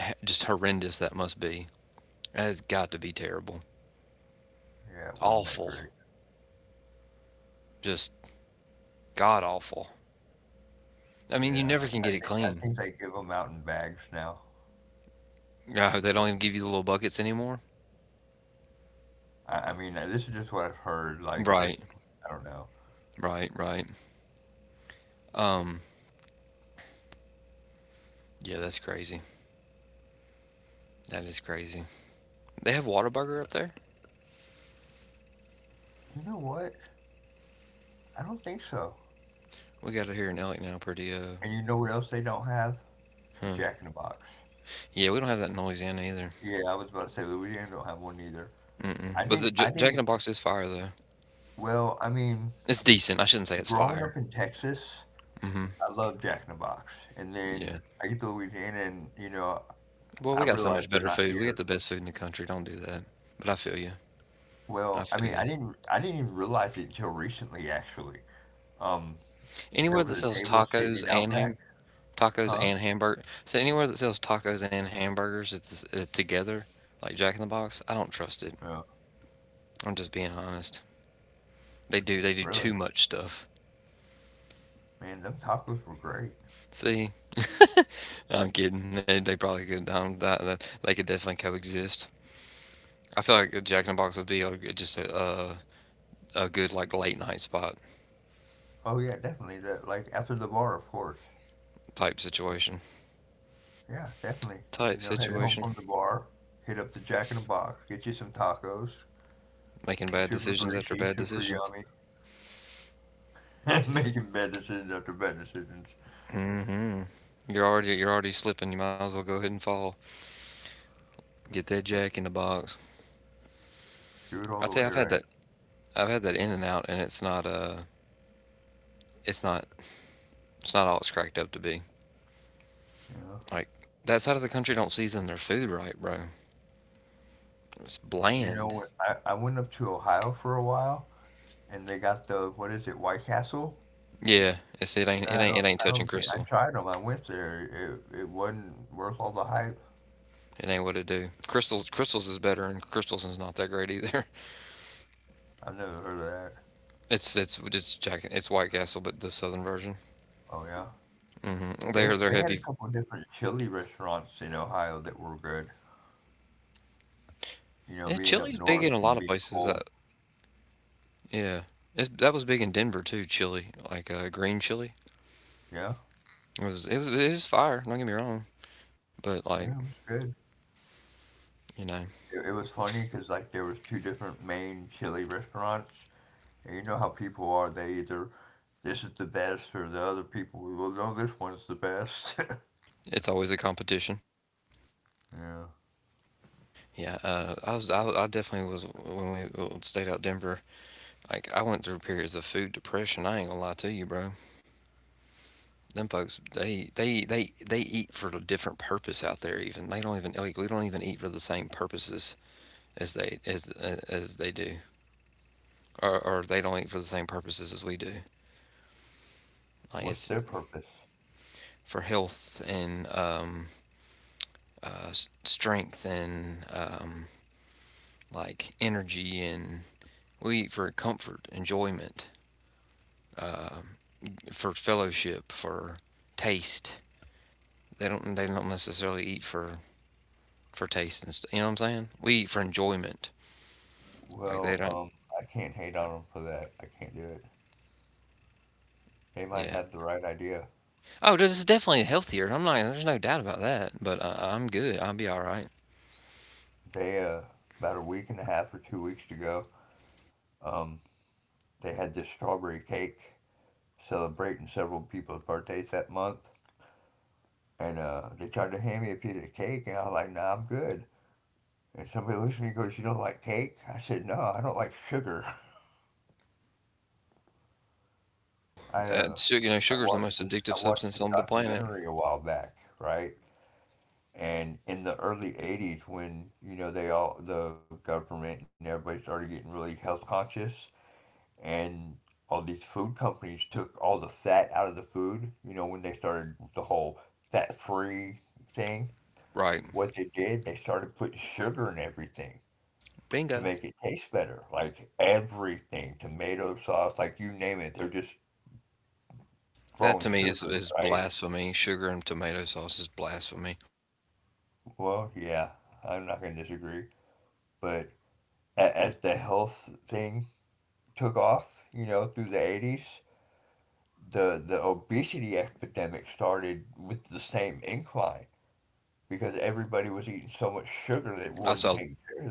[SPEAKER 1] h just horrendous that must be. That has got to be terrible.
[SPEAKER 2] Yeah, it wasn't that
[SPEAKER 1] Awful.
[SPEAKER 2] great.
[SPEAKER 1] Just god awful. I mean, you
[SPEAKER 2] Yeah, I,
[SPEAKER 1] never can
[SPEAKER 2] I
[SPEAKER 1] get it
[SPEAKER 2] think I
[SPEAKER 1] clean.
[SPEAKER 2] think they give them out in bags now.
[SPEAKER 1] Yeah, they don't even give you the little buckets anymore?
[SPEAKER 2] I, I mean, uh, this is just what I've heard. Like they,
[SPEAKER 1] Right.
[SPEAKER 2] I don't know.
[SPEAKER 1] Right, right. Um, yeah, that's crazy. That is crazy. They have Whataburger up there?
[SPEAKER 2] You know what? I don't think so.
[SPEAKER 1] We got it here in Elk now pretty, uh,
[SPEAKER 2] And you know what else they don't have? Jack in the Box.
[SPEAKER 1] yeah, we don't have that in Louisiana either.
[SPEAKER 2] Yeah, I was about to say Louisiana don't have one either. I
[SPEAKER 1] But the
[SPEAKER 2] didn't.
[SPEAKER 1] J
[SPEAKER 2] I
[SPEAKER 1] Jack in
[SPEAKER 2] didn't.
[SPEAKER 1] the Box is fire though.
[SPEAKER 2] Well, I mean,
[SPEAKER 1] It's decent. I shouldn't say it's
[SPEAKER 2] growing
[SPEAKER 1] fire.
[SPEAKER 2] up in Texas, I love Jack in the Box, and
[SPEAKER 1] Yeah.
[SPEAKER 2] then I get to Louisiana, and you know,
[SPEAKER 1] Well, we
[SPEAKER 2] I
[SPEAKER 1] got so
[SPEAKER 2] realize
[SPEAKER 1] much
[SPEAKER 2] they're
[SPEAKER 1] better
[SPEAKER 2] not
[SPEAKER 1] food. We get
[SPEAKER 2] here.
[SPEAKER 1] the best food in the country. Don't do that. But I feel you.
[SPEAKER 2] Well,
[SPEAKER 1] I
[SPEAKER 2] I mean,
[SPEAKER 1] feel
[SPEAKER 2] I
[SPEAKER 1] you.
[SPEAKER 2] didn't. I didn't even realize it until recently, actually. Um, There
[SPEAKER 1] Anywhere
[SPEAKER 2] was
[SPEAKER 1] that
[SPEAKER 2] a
[SPEAKER 1] sells
[SPEAKER 2] table sitting
[SPEAKER 1] tacos
[SPEAKER 2] in
[SPEAKER 1] and
[SPEAKER 2] Outback,
[SPEAKER 1] ham tacos
[SPEAKER 2] huh?
[SPEAKER 1] and hamburger. So anywhere that sells tacos and hamburgers it's, uh, together, like Jack in the Box, I don't trust it.
[SPEAKER 2] Yeah,
[SPEAKER 1] I'm just being honest. They do. They do
[SPEAKER 2] really.
[SPEAKER 1] too much stuff.
[SPEAKER 2] Man, them tacos were great.
[SPEAKER 1] See, I'm kidding. They, they probably could. Um, that, that they could definitely coexist. I feel like Jack in the Box would be a, just a, a a good like late night spot
[SPEAKER 2] Oh yeah, definitely. That like after the bar, of course.
[SPEAKER 1] type situation.
[SPEAKER 2] Yeah, definitely.
[SPEAKER 1] Type
[SPEAKER 2] You know, headed
[SPEAKER 1] situation,
[SPEAKER 2] home from the bar, hit up the Jack in the Box, get you some tacos,
[SPEAKER 1] making bad
[SPEAKER 2] super
[SPEAKER 1] decisions after bad
[SPEAKER 2] greasy, super
[SPEAKER 1] decisions.
[SPEAKER 2] yummy,
[SPEAKER 1] Yep.
[SPEAKER 2] making medicines after medicines.
[SPEAKER 1] Mm hmm. You're already you're already slipping. You might as well go ahead and fall. Get that Jack in the Box.
[SPEAKER 2] Do
[SPEAKER 1] I
[SPEAKER 2] it
[SPEAKER 1] tell
[SPEAKER 2] all
[SPEAKER 1] you,
[SPEAKER 2] the
[SPEAKER 1] I've
[SPEAKER 2] way
[SPEAKER 1] had that
[SPEAKER 2] right.
[SPEAKER 1] I've had that In and Out, and it's not uh it's not it's not all it's cracked up to be.
[SPEAKER 2] You know.
[SPEAKER 1] Like that side of the country don't season their food right, bro. It's
[SPEAKER 2] You
[SPEAKER 1] bland.
[SPEAKER 2] know what? I, I went up to Ohio for a while, and they got the what is it, White Castle?
[SPEAKER 1] Yeah, it's it ain't it
[SPEAKER 2] I
[SPEAKER 1] ain't it
[SPEAKER 2] don't.
[SPEAKER 1] ain't
[SPEAKER 2] I
[SPEAKER 1] touching
[SPEAKER 2] don't think I
[SPEAKER 1] Crystal.
[SPEAKER 2] tried them. I went there. It, it wasn't worth all the hype.
[SPEAKER 1] It ain't what it do. Crystals crystals is better, and Crystals is not that great either.
[SPEAKER 2] I've never heard of that.
[SPEAKER 1] It's it's it's jack it's White Castle, but the southern version.
[SPEAKER 2] Oh yeah,
[SPEAKER 1] Mm
[SPEAKER 2] they
[SPEAKER 1] hmm.
[SPEAKER 2] they had
[SPEAKER 1] They're
[SPEAKER 2] a
[SPEAKER 1] they're
[SPEAKER 2] couple of
[SPEAKER 1] heavy.
[SPEAKER 2] different chili restaurants in Ohio that were good. You know,
[SPEAKER 1] Yeah,
[SPEAKER 2] being up
[SPEAKER 1] chili's
[SPEAKER 2] north
[SPEAKER 1] big in
[SPEAKER 2] and
[SPEAKER 1] a
[SPEAKER 2] being
[SPEAKER 1] lot of
[SPEAKER 2] cold.
[SPEAKER 1] places. Uh, yeah, it's, that was big in Denver too. Chili, like uh, green chili,
[SPEAKER 2] Yeah,
[SPEAKER 1] it was it was it is fire. Don't get me wrong, but like
[SPEAKER 2] yeah, it was good.
[SPEAKER 1] you know,
[SPEAKER 2] It, it was funny because like there was two different main chili restaurants, and you know how people are. They either this is the best or the other people. Well, no, this one's the best.
[SPEAKER 1] it's always a competition.
[SPEAKER 2] Yeah.
[SPEAKER 1] Yeah, uh, I was I, I definitely was when we uh, stayed out Denver. Like I went through periods of food depression. I ain't gonna lie to you, bro. Them folks, they they they they eat for a different purpose out there. Even they don't even like we don't even eat for the same purposes as they as uh, as they do, or or they don't eat for the same purposes as we do.
[SPEAKER 2] What's
[SPEAKER 1] Like
[SPEAKER 2] their
[SPEAKER 1] it's
[SPEAKER 2] purpose?
[SPEAKER 1] for health and um, uh, strength and um, like energy, and we eat for comfort, enjoyment, for fellowship, for taste. They don't they don't necessarily eat for for taste and stuff. You know what I'm saying? We eat for enjoyment. Like
[SPEAKER 2] Well,
[SPEAKER 1] they don't.
[SPEAKER 2] um, I can't hate on them for that. I can't do it. They might
[SPEAKER 1] Yeah.
[SPEAKER 2] have the right idea.
[SPEAKER 1] Oh, this is definitely healthier. I'm not. There's no doubt about that. But uh, I'm good. I'll be all right.
[SPEAKER 2] They uh, about a week and a half or two weeks ago, Um, they had this strawberry cake celebrating several people's birthdays that month. And uh, they tried to hand me a piece of cake, and I was like, nah, I'm good. And somebody looks at me and goes, you don't like cake? I said, no, I don't like sugar. I,
[SPEAKER 1] Uh,
[SPEAKER 2] uh,
[SPEAKER 1] su- you know,
[SPEAKER 2] I
[SPEAKER 1] sugar is the
[SPEAKER 2] watched
[SPEAKER 1] most
[SPEAKER 2] this
[SPEAKER 1] addictive
[SPEAKER 2] I watched
[SPEAKER 1] substance
[SPEAKER 2] this
[SPEAKER 1] on the planet.
[SPEAKER 2] documentary a while back, right? And in the early eighties when, you know, they all the government and everybody started getting really health conscious, and all these food companies took all the fat out of the food. You know, when they started the whole fat free thing,
[SPEAKER 1] Right.
[SPEAKER 2] what they did, they started putting sugar in everything to
[SPEAKER 1] Bingo.
[SPEAKER 2] make it taste better. Like everything, tomato sauce, like you name it, they're just
[SPEAKER 1] That
[SPEAKER 2] throwing
[SPEAKER 1] to me
[SPEAKER 2] sugar
[SPEAKER 1] is
[SPEAKER 2] in, it,
[SPEAKER 1] is
[SPEAKER 2] right?
[SPEAKER 1] blasphemy. Sugar and tomato sauce is blasphemy.
[SPEAKER 2] Well, yeah, I'm not going to disagree. But a- as the health thing took off, you know, through the eighties, the, the obesity epidemic started with the same incline because everybody was eating so much sugar they
[SPEAKER 1] I
[SPEAKER 2] wouldn't
[SPEAKER 1] saw
[SPEAKER 2] take care of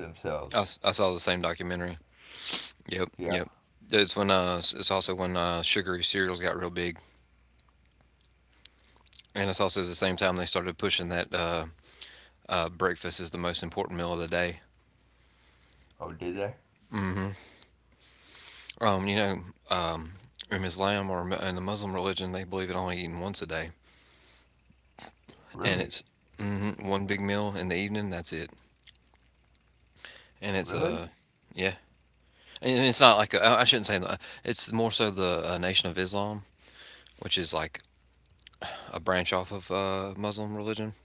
[SPEAKER 1] I
[SPEAKER 2] themselves.
[SPEAKER 1] I saw the same documentary. Yep,
[SPEAKER 2] Yeah.
[SPEAKER 1] yep. It's when uh it's also when uh sugary cereals got real big, and it's also at the same time they started pushing that uh, uh breakfast is the most important meal of the day.
[SPEAKER 2] Oh, did they?
[SPEAKER 1] Um, you know, um, in Islam or in the Muslim religion, they believe in only eating once a day, and
[SPEAKER 2] Really?
[SPEAKER 1] it's mhm, one big meal in the evening. That's it, and it's a
[SPEAKER 2] Really?
[SPEAKER 1] uh yeah, and it's not like a, I shouldn't say that. It's more so the uh, Nation of Islam, which is like a branch off of uh, Muslim religion.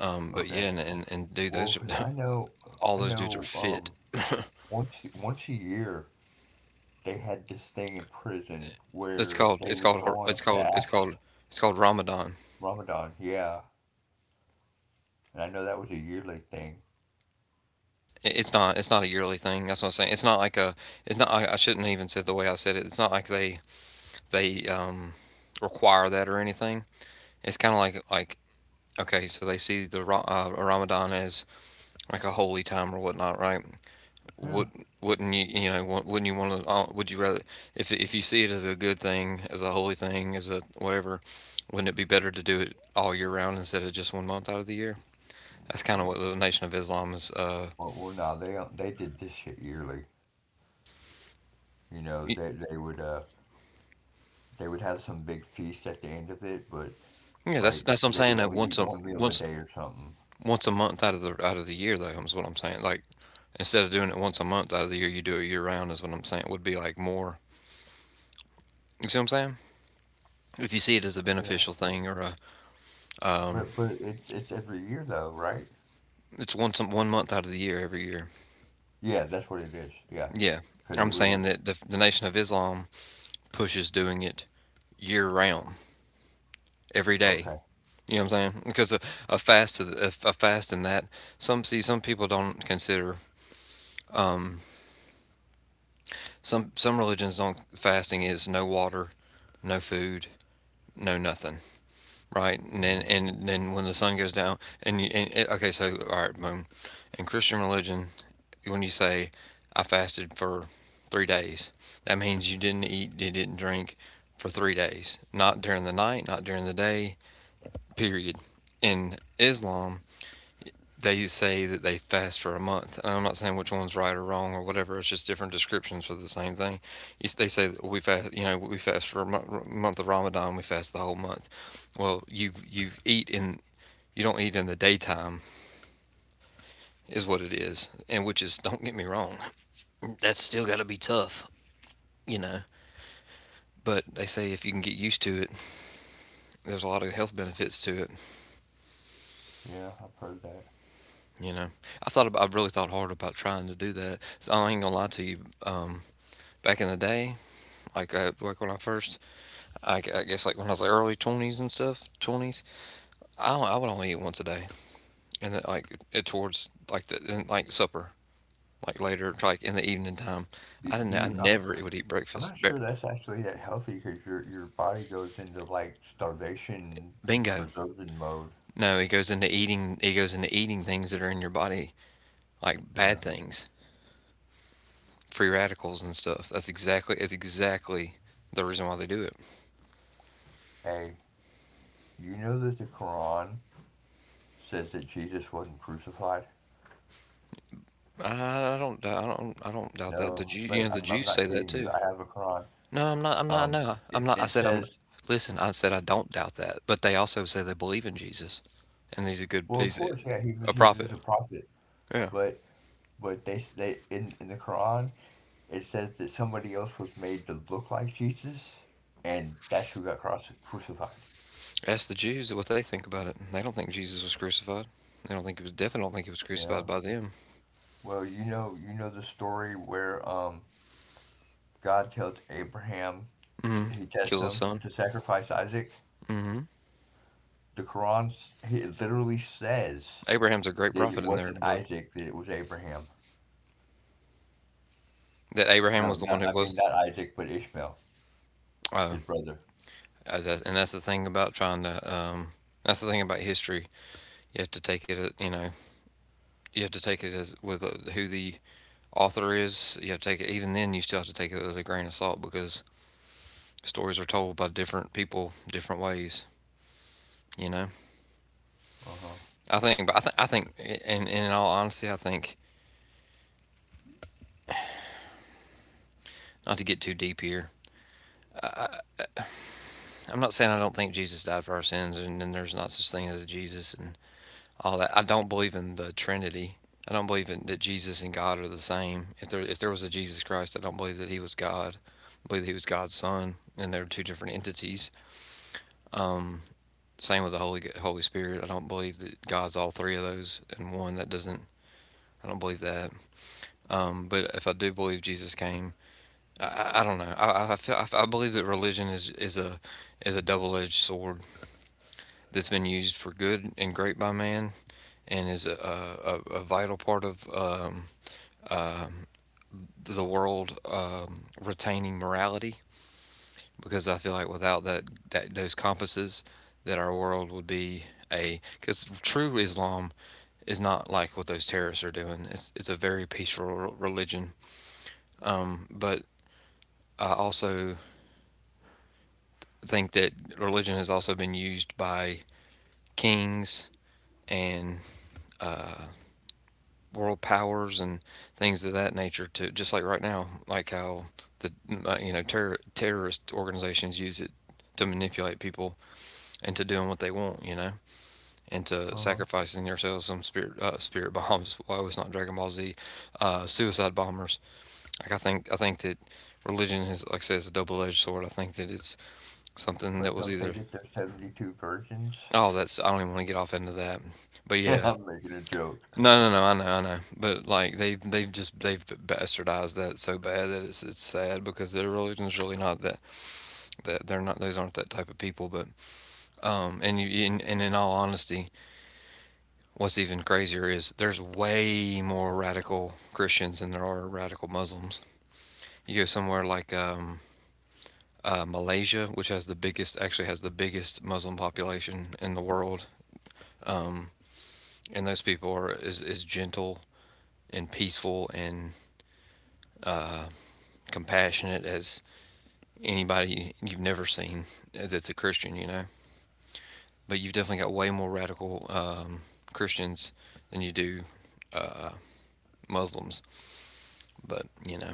[SPEAKER 1] Um, but
[SPEAKER 2] Okay.
[SPEAKER 1] yeah, and, and, and dude,
[SPEAKER 2] Well,
[SPEAKER 1] those
[SPEAKER 2] 'cause
[SPEAKER 1] are,
[SPEAKER 2] I know,
[SPEAKER 1] all
[SPEAKER 2] I
[SPEAKER 1] those dudes are
[SPEAKER 2] know.
[SPEAKER 1] fit.
[SPEAKER 2] Um, once once a year they had this thing in prison
[SPEAKER 1] It's
[SPEAKER 2] where
[SPEAKER 1] called it's
[SPEAKER 2] they
[SPEAKER 1] called
[SPEAKER 2] would go
[SPEAKER 1] it's
[SPEAKER 2] on a
[SPEAKER 1] called it's called
[SPEAKER 2] fast,
[SPEAKER 1] it's called Ramadan.
[SPEAKER 2] Ramadan. Yeah, and I know that was a yearly thing.
[SPEAKER 1] I- It's not, it's not a yearly thing. That's what I'm saying. It's not like a it's not. I, I shouldn't even said the way I said it. It's not like they they um, require that or anything. It's kind of like like okay, so they see the Ra- uh, Ramadan as like a holy time or whatnot, right? would
[SPEAKER 2] Yeah.
[SPEAKER 1] wouldn't you, you know, wouldn't you want to, would you rather if if you see it as a good thing, as a holy thing, as a whatever, wouldn't it be better to do it all year round instead of just one month out of the year? That's kind of what the Nation of Islam is uh
[SPEAKER 2] Well, well, no, they don't- they did this shit yearly. You know, they they would uh they would have some big feast at the end of it, but
[SPEAKER 1] yeah, that's that's
[SPEAKER 2] like
[SPEAKER 1] what I'm saying
[SPEAKER 2] they
[SPEAKER 1] that
[SPEAKER 2] would
[SPEAKER 1] once
[SPEAKER 2] only
[SPEAKER 1] a
[SPEAKER 2] eat one
[SPEAKER 1] once
[SPEAKER 2] meal a day or something.
[SPEAKER 1] once a month out of the out of the year though is what I'm saying. Like instead of doing it once a month out of the year, you do it year round is what I'm saying. It would be like more, you see what I'm saying, if you see it as a
[SPEAKER 2] Yeah,
[SPEAKER 1] beneficial thing or a um.
[SPEAKER 2] but but it's it's every year though, right?
[SPEAKER 1] It's once one month out of the year every year.
[SPEAKER 2] Yeah, that's what it is. Yeah,
[SPEAKER 1] Yeah.
[SPEAKER 2] because it
[SPEAKER 1] I'm
[SPEAKER 2] was
[SPEAKER 1] saying that the, the Nation of Islam pushes doing it year round, every day.
[SPEAKER 2] okay.
[SPEAKER 1] You know what I'm saying? Because a, a fast to the, a, a fast in that some see, some people don't consider um, some some religions don't, fasting is no water, no food, no nothing, right? And
[SPEAKER 2] Yeah,
[SPEAKER 1] then, and then when the sun goes down and you and, it- okay, so all right, boom. In Christian religion, when you say I fasted for three days, that means you didn't eat, you didn't drink for three days, not during the night, not during the day, period. In Islam, they say that they fast for a month. And I'm not saying which one's right or wrong or whatever. It's just different descriptions for the same thing. They say that we fast, you know, we fast for a month of Ramadan. We fast the whole month. Well, you you eat in you don't eat in the daytime is what it is, and which is don't get me wrong, that's still got to be tough, you know. But they say if you can get used to it, there's a lot of health benefits to it.
[SPEAKER 2] yeah, I've heard that.
[SPEAKER 1] You know, I thought about, I really thought hard about trying to do that. So I ain't gonna lie to you. Um, Back in the day, like uh, like when I first, I, I guess like when I was like early twenties and stuff, twenties, I I would only eat once a day, and then, like it towards like the in, like supper, like later, like in the evening time.
[SPEAKER 2] Do,
[SPEAKER 1] I
[SPEAKER 2] do
[SPEAKER 1] didn't. I
[SPEAKER 2] you, I'm
[SPEAKER 1] never would eat
[SPEAKER 2] I'm not
[SPEAKER 1] breakfast. Ba-
[SPEAKER 2] sure that's actually that healthy because your your body goes into like starvation
[SPEAKER 1] Bingo.
[SPEAKER 2] preserving mode.
[SPEAKER 1] No, it goes into eating. It goes into eating things that are in your body, like bad
[SPEAKER 2] Yeah.
[SPEAKER 1] things. Free radicals and stuff. That's exactly that's exactly the reason why they do it.
[SPEAKER 2] Hey, you know that the Quran says that Jesus wasn't crucified?
[SPEAKER 1] I, I don't I don't I don't doubt that. The
[SPEAKER 2] No,
[SPEAKER 1] Jew, you
[SPEAKER 2] but
[SPEAKER 1] know, the
[SPEAKER 2] I'm, I'm
[SPEAKER 1] Jews say
[SPEAKER 2] not
[SPEAKER 1] that
[SPEAKER 2] kidding you.
[SPEAKER 1] too.
[SPEAKER 2] I have a Quran.
[SPEAKER 1] No, I'm not. I'm not.
[SPEAKER 2] Um,
[SPEAKER 1] No, I'm
[SPEAKER 2] it,
[SPEAKER 1] not. I
[SPEAKER 2] it
[SPEAKER 1] said I'm.
[SPEAKER 2] says,
[SPEAKER 1] Listen, I said I don't doubt that, but they also say they believe in Jesus, and he's a good.
[SPEAKER 2] well, of
[SPEAKER 1] He's a,
[SPEAKER 2] course, yeah, he was
[SPEAKER 1] a
[SPEAKER 2] he was
[SPEAKER 1] prophet.
[SPEAKER 2] just a prophet,
[SPEAKER 1] Yeah.
[SPEAKER 2] but but they they in in the Quran it says that somebody else was made to look like Jesus, and that's who got cross crucified.
[SPEAKER 1] Ask the Jews what they think about it. They don't think Jesus was crucified. They don't think he was. Definitely don't think he was crucified
[SPEAKER 2] Yeah.
[SPEAKER 1] by them.
[SPEAKER 2] Well, you know you know the story where um God tells Abraham t- he tests
[SPEAKER 1] Kill his
[SPEAKER 2] him
[SPEAKER 1] son.
[SPEAKER 2] to sacrifice Isaac. The Quran s- it literally says
[SPEAKER 1] Abraham's a great
[SPEAKER 2] that it
[SPEAKER 1] prophet in their
[SPEAKER 2] wasn't
[SPEAKER 1] book.
[SPEAKER 2] Isaac that it was Abraham.
[SPEAKER 1] That Abraham
[SPEAKER 2] No,
[SPEAKER 1] was the one
[SPEAKER 2] not
[SPEAKER 1] who
[SPEAKER 2] I
[SPEAKER 1] was.
[SPEAKER 2] mean not Isaac, but Ishmael,
[SPEAKER 1] Oh.
[SPEAKER 2] his brother.
[SPEAKER 1] Uh, and that's the thing about trying to. Um, that's the thing about history. You have to take it, uh, you know, you have to take it as with uh, who the author is. You have to take it. Even then, you still have to take it with a grain of salt because stories are told by different people, different ways. You know,
[SPEAKER 2] Uh huh.
[SPEAKER 1] I think. But I, th- I think, and, and in all honesty, I think, not to get too deep here. I'm not saying I don't think Jesus died for our sins, and then there's not such thing as Jesus, and all that. I don't believe in the Trinity. I don't believe in, that Jesus and God are the same. If there if there was a Jesus Christ, I don't believe that he was God. I believe that he was God's son, and they're two different entities. Um, Same with the Holy Holy Spirit. I don't believe that God's all three of those in one. That doesn't. I don't believe that. Um, but if I do believe Jesus came. I, I- don't know. I, I feel I believe that religion is, is a is a double edged sword that's been used for good and great by man, and is a a, a, a vital part of um, um, the world um, retaining morality, because I feel like without that, that those compasses, that our world would be a, because true Islam is not like what those terrorists are doing. It's it's a very peaceful religion. Um, but I also think that religion has also been used by kings and, uh, world powers and things of that nature, to just like right now, like how the uh, you know, terror, terrorist organizations use it to manipulate people into doing what they want, you know,
[SPEAKER 2] Uh
[SPEAKER 1] into
[SPEAKER 2] huh.
[SPEAKER 1] sacrificing themselves. Some spirit uh, spirit bombs. Why was not Dragon Ball Z? Uh, suicide bombers. Like I think I think that religion is, like I said, is a double edged sword. I think that it's something that
[SPEAKER 2] But
[SPEAKER 1] was
[SPEAKER 2] don't they
[SPEAKER 1] either.
[SPEAKER 2] get their seventy-two virgins?
[SPEAKER 1] Oh, that's, I don't even want to get off into that, but yeah.
[SPEAKER 2] I'm making a joke.
[SPEAKER 1] No, no, no. I know, I know. But like they they've just they've bastardized that so bad that it's it's sad because their religion's really not that, that they're not, those aren't that type of people. But um, and you and, and in all honesty, what's even crazier is there's way more radical Christians than there are radical Muslims. You go somewhere like um, uh, Malaysia, which has the biggest, actually has the biggest Muslim population in the world, um, and those people are as, as gentle and peaceful and uh, compassionate as anybody you've never seen that's a Christian, you know. But you've definitely got way more radical um, Christians than you do uh, Muslims. But you know,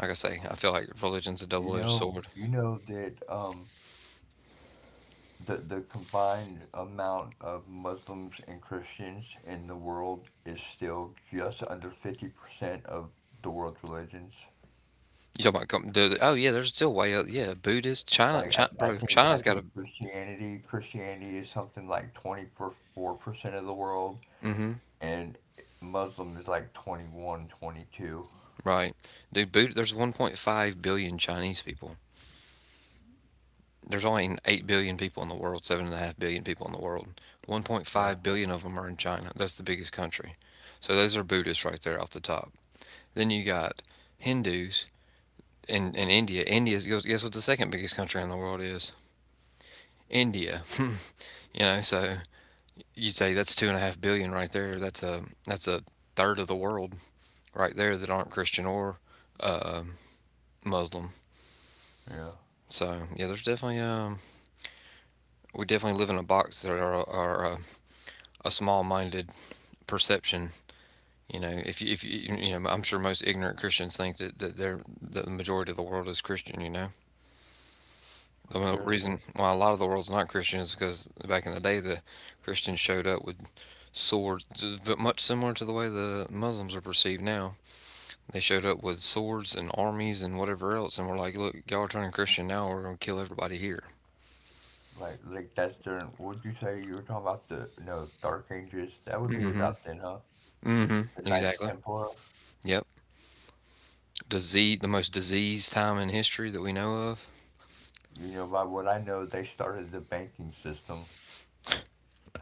[SPEAKER 1] like I say, I feel like religion's a
[SPEAKER 2] You
[SPEAKER 1] double-edged
[SPEAKER 2] know,
[SPEAKER 1] sword.
[SPEAKER 2] you know that um, the the combined amount of Muslims and Christians in the world is still just under fifty percent of the world's religions.
[SPEAKER 1] You talk about com- the, oh yeah, there's still way up. Yeah, Buddhist China,
[SPEAKER 2] Like I,
[SPEAKER 1] China
[SPEAKER 2] I
[SPEAKER 1] bro,
[SPEAKER 2] think I
[SPEAKER 1] China's got a
[SPEAKER 2] think Christianity Christianity is something like twenty-four percent of the world
[SPEAKER 1] mm-hmm,
[SPEAKER 2] and Muslim is like twenty one, twenty two.
[SPEAKER 1] right, dude. Buddha, there's one point five billion Chinese people. There's only eight billion people in the world, seven point five billion people in the world.
[SPEAKER 2] Yeah,
[SPEAKER 1] one point five billion of them are in China. That's the biggest country. So those are Buddhists right there off the top. Then you got Hindus in, in India. India, guess what the second biggest country in the world is? India. You know, so you'd say that's two point five billion right there. That's a, that's a third of the world right there that aren't Christian or uh, Muslim.
[SPEAKER 2] yeah,
[SPEAKER 1] So yeah, there's definitely um, we definitely live in a box that are, are uh, a small-minded perception. You know, if you, if you, you know, I'm sure most ignorant Christians think that, that they're the majority of the world is Christian. You know,
[SPEAKER 2] I'm
[SPEAKER 1] the
[SPEAKER 2] sure.
[SPEAKER 1] reason why a lot of the world's not Christian is because back in the day the Christians showed up with swords, much similar to the way the Muslims are perceived now. They showed up with swords and armies and whatever else, and we're like, look, y'all are turning Christian now. We're gonna kill everybody here.
[SPEAKER 2] Like, like that's during, would you say you were talking about the, no, Dark Ages? That would be about
[SPEAKER 1] Mm-hmm.
[SPEAKER 2] then, huh?
[SPEAKER 1] Mm-hmm.
[SPEAKER 2] The Knights
[SPEAKER 1] Exactly.
[SPEAKER 2] Templar.
[SPEAKER 1] Yep. Disease, the most diseased time in history that we know of.
[SPEAKER 2] You know, by what I know, they started the banking system.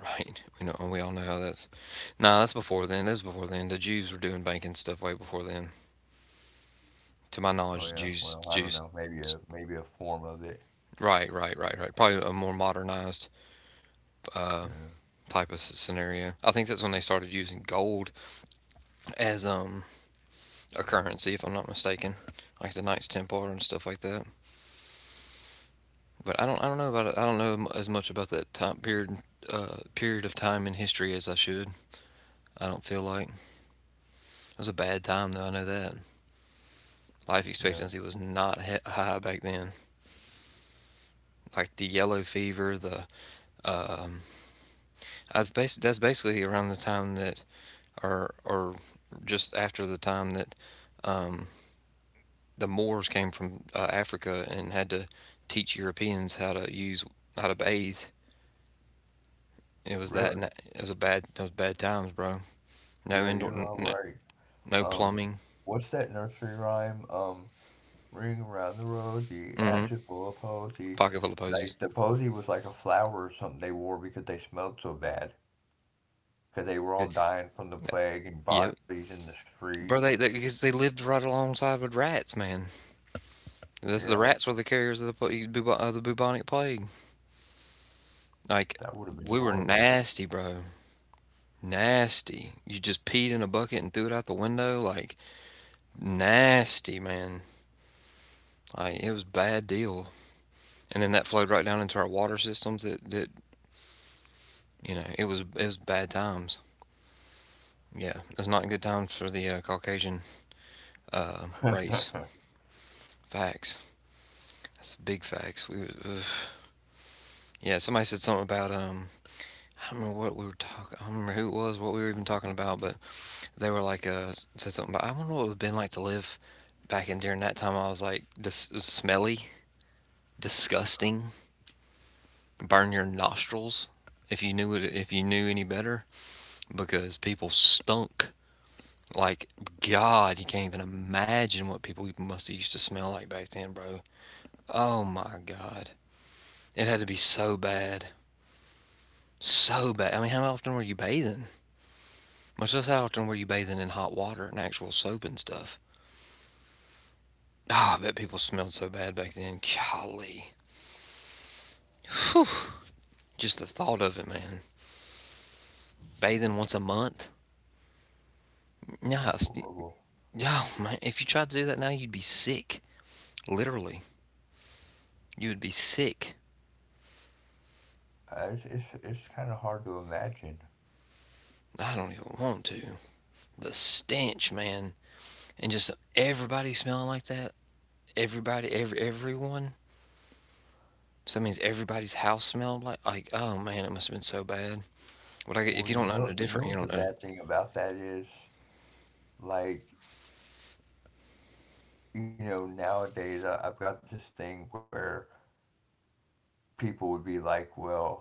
[SPEAKER 1] Right. We know, we all know how that's. Nah, that's before then. That's before then. The Jews were doing banking stuff way before then. To my
[SPEAKER 2] Oh yeah,
[SPEAKER 1] knowledge, the
[SPEAKER 2] well, I
[SPEAKER 1] Jews,
[SPEAKER 2] don't know,
[SPEAKER 1] Jews.
[SPEAKER 2] maybe a maybe a form of it.
[SPEAKER 1] Right, right, right, right. Probably a more modernized uh,
[SPEAKER 2] Yeah,
[SPEAKER 1] type of scenario. I think that's when they started using gold as um a currency, if I'm not mistaken, like the Knights Templar and stuff like that. But I don't, I don't know about it. I don't know as much about that time period, uh, period of time in history as I should. I don't feel like it was a bad time, though. I know that. Life
[SPEAKER 2] yeah,
[SPEAKER 1] expectancy was not high back then. Like the yellow fever, the um, I was bas- that's basically around the time that, or or just after the time that um, the Moors came from uh, Africa and had to teach Europeans how to use how to bathe. It was that,
[SPEAKER 2] really.
[SPEAKER 1] and it was a bad, it was bad times, bro.
[SPEAKER 2] You
[SPEAKER 1] No
[SPEAKER 2] know,
[SPEAKER 1] indoor,
[SPEAKER 2] you're all
[SPEAKER 1] no
[SPEAKER 2] right.
[SPEAKER 1] no
[SPEAKER 2] Um,
[SPEAKER 1] plumbing.
[SPEAKER 2] what's that nursery rhyme? Um, ring around the road, the
[SPEAKER 1] Mm-hmm.
[SPEAKER 2] ashes full of posy.
[SPEAKER 1] Pocket full of posies.
[SPEAKER 2] Like the posy was like a flower or something they wore because they smelled so bad, because they were all dying from the plague and
[SPEAKER 1] Yep,
[SPEAKER 2] bodies in the street.
[SPEAKER 1] bro. They because they, 'cause they lived right alongside with rats, man.
[SPEAKER 2] Yeah,
[SPEAKER 1] This, the rats were the carriers of the, of the bubonic plague.
[SPEAKER 2] that
[SPEAKER 1] Like,
[SPEAKER 2] would have been
[SPEAKER 1] we were
[SPEAKER 2] horrible.
[SPEAKER 1] nasty, bro. Nasty. You just peed in a bucket and threw it out the window. Like, nasty, man. Like, it was a bad deal. And then that flowed right down into our water systems. That, that, you know, it was, it was bad times. Yeah, it's not good times for the uh, Caucasian uh, race. Facts. That's big facts. We, ugh. Yeah, somebody said something about um, I don't know what we were talking. I don't remember who it was, what we were even talking about, but they were like, uh, said something about, I wonder what it would have been like to live back in during that time. I was like, dis- smelly, disgusting, burn your nostrils if you knew it, if you knew any better, because people stunk. Like, God, you can't even imagine what people must have used to smell like back then, bro. Oh my God. It had to be so bad. So bad. I mean, how often were you bathing? Much less how often were you bathing in hot water and actual soap and stuff? Ah, I bet people smelled so bad back then. Golly. Just the thought of it, man. Bathing once a month? No,
[SPEAKER 2] That's horrible.
[SPEAKER 1] yeah, man. If you tried to do that now, you'd be sick. Literally, you would be sick.
[SPEAKER 2] Uh, It's it's it's kind of hard to imagine.
[SPEAKER 1] I don't even want to. The stench, man, and just everybody smelling like that. Everybody, every everyone. So that means everybody's house smelled like like. Oh man, it must have been so bad. But I, if
[SPEAKER 2] Well,
[SPEAKER 1] you don't
[SPEAKER 2] you
[SPEAKER 1] know no
[SPEAKER 2] know, you
[SPEAKER 1] different,
[SPEAKER 2] know
[SPEAKER 1] you
[SPEAKER 2] what the
[SPEAKER 1] don't know.
[SPEAKER 2] bad thing about that is? Like, you know, nowadays I, I've got this thing where people would be like, "Well,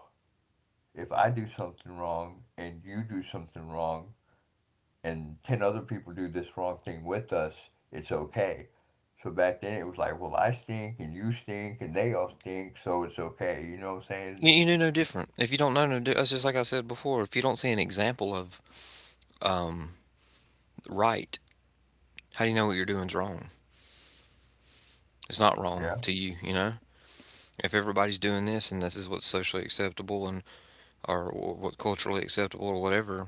[SPEAKER 2] if I do something wrong and you do something wrong and ten other people do this wrong thing with us, it's okay." So back then it was like, "Well, I stink and you stink and they all stink, so it's okay." You know what I'm saying?
[SPEAKER 1] You, you knew no different. If you don't know no different, it's just like I said before. If you don't see an example of um right, how do you know what you're doing's wrong? It's not wrong
[SPEAKER 2] Yeah.
[SPEAKER 1] to you, you know? If everybody's doing this and this is what's socially acceptable, and or what culturally acceptable or whatever,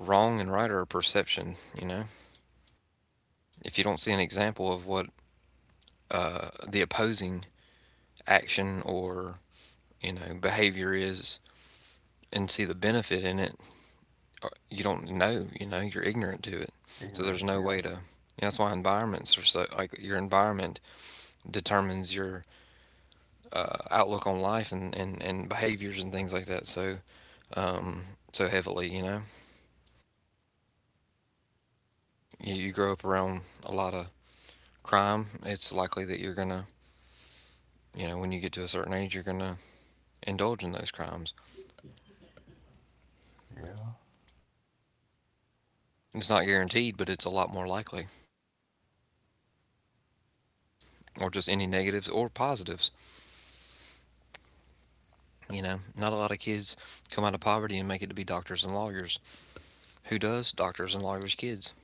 [SPEAKER 1] wrong and right are a perception, you know? If you don't see an example of what uh, the opposing action or, you know, behavior is and see the benefit in it, uh, you don't know, you know, you're ignorant to it. So there's no
[SPEAKER 2] Ignorance,
[SPEAKER 1] way to, you know.
[SPEAKER 2] yeah.
[SPEAKER 1] That's why environments are so, like, your environment determines your uh, outlook on life and, and, and behaviors and things like that so um, so heavily. You know, you, you grow up around a lot of crime. It's likely that you're gonna, you know, when you get to a certain age, you're gonna indulge in those crimes.
[SPEAKER 2] Yeah.
[SPEAKER 1] It's not guaranteed, but it's a lot more likely. Or just any negatives or positives. You know, not a lot of kids come out of poverty and make it to be doctors and lawyers. Who does? Doctors and lawyers' kids.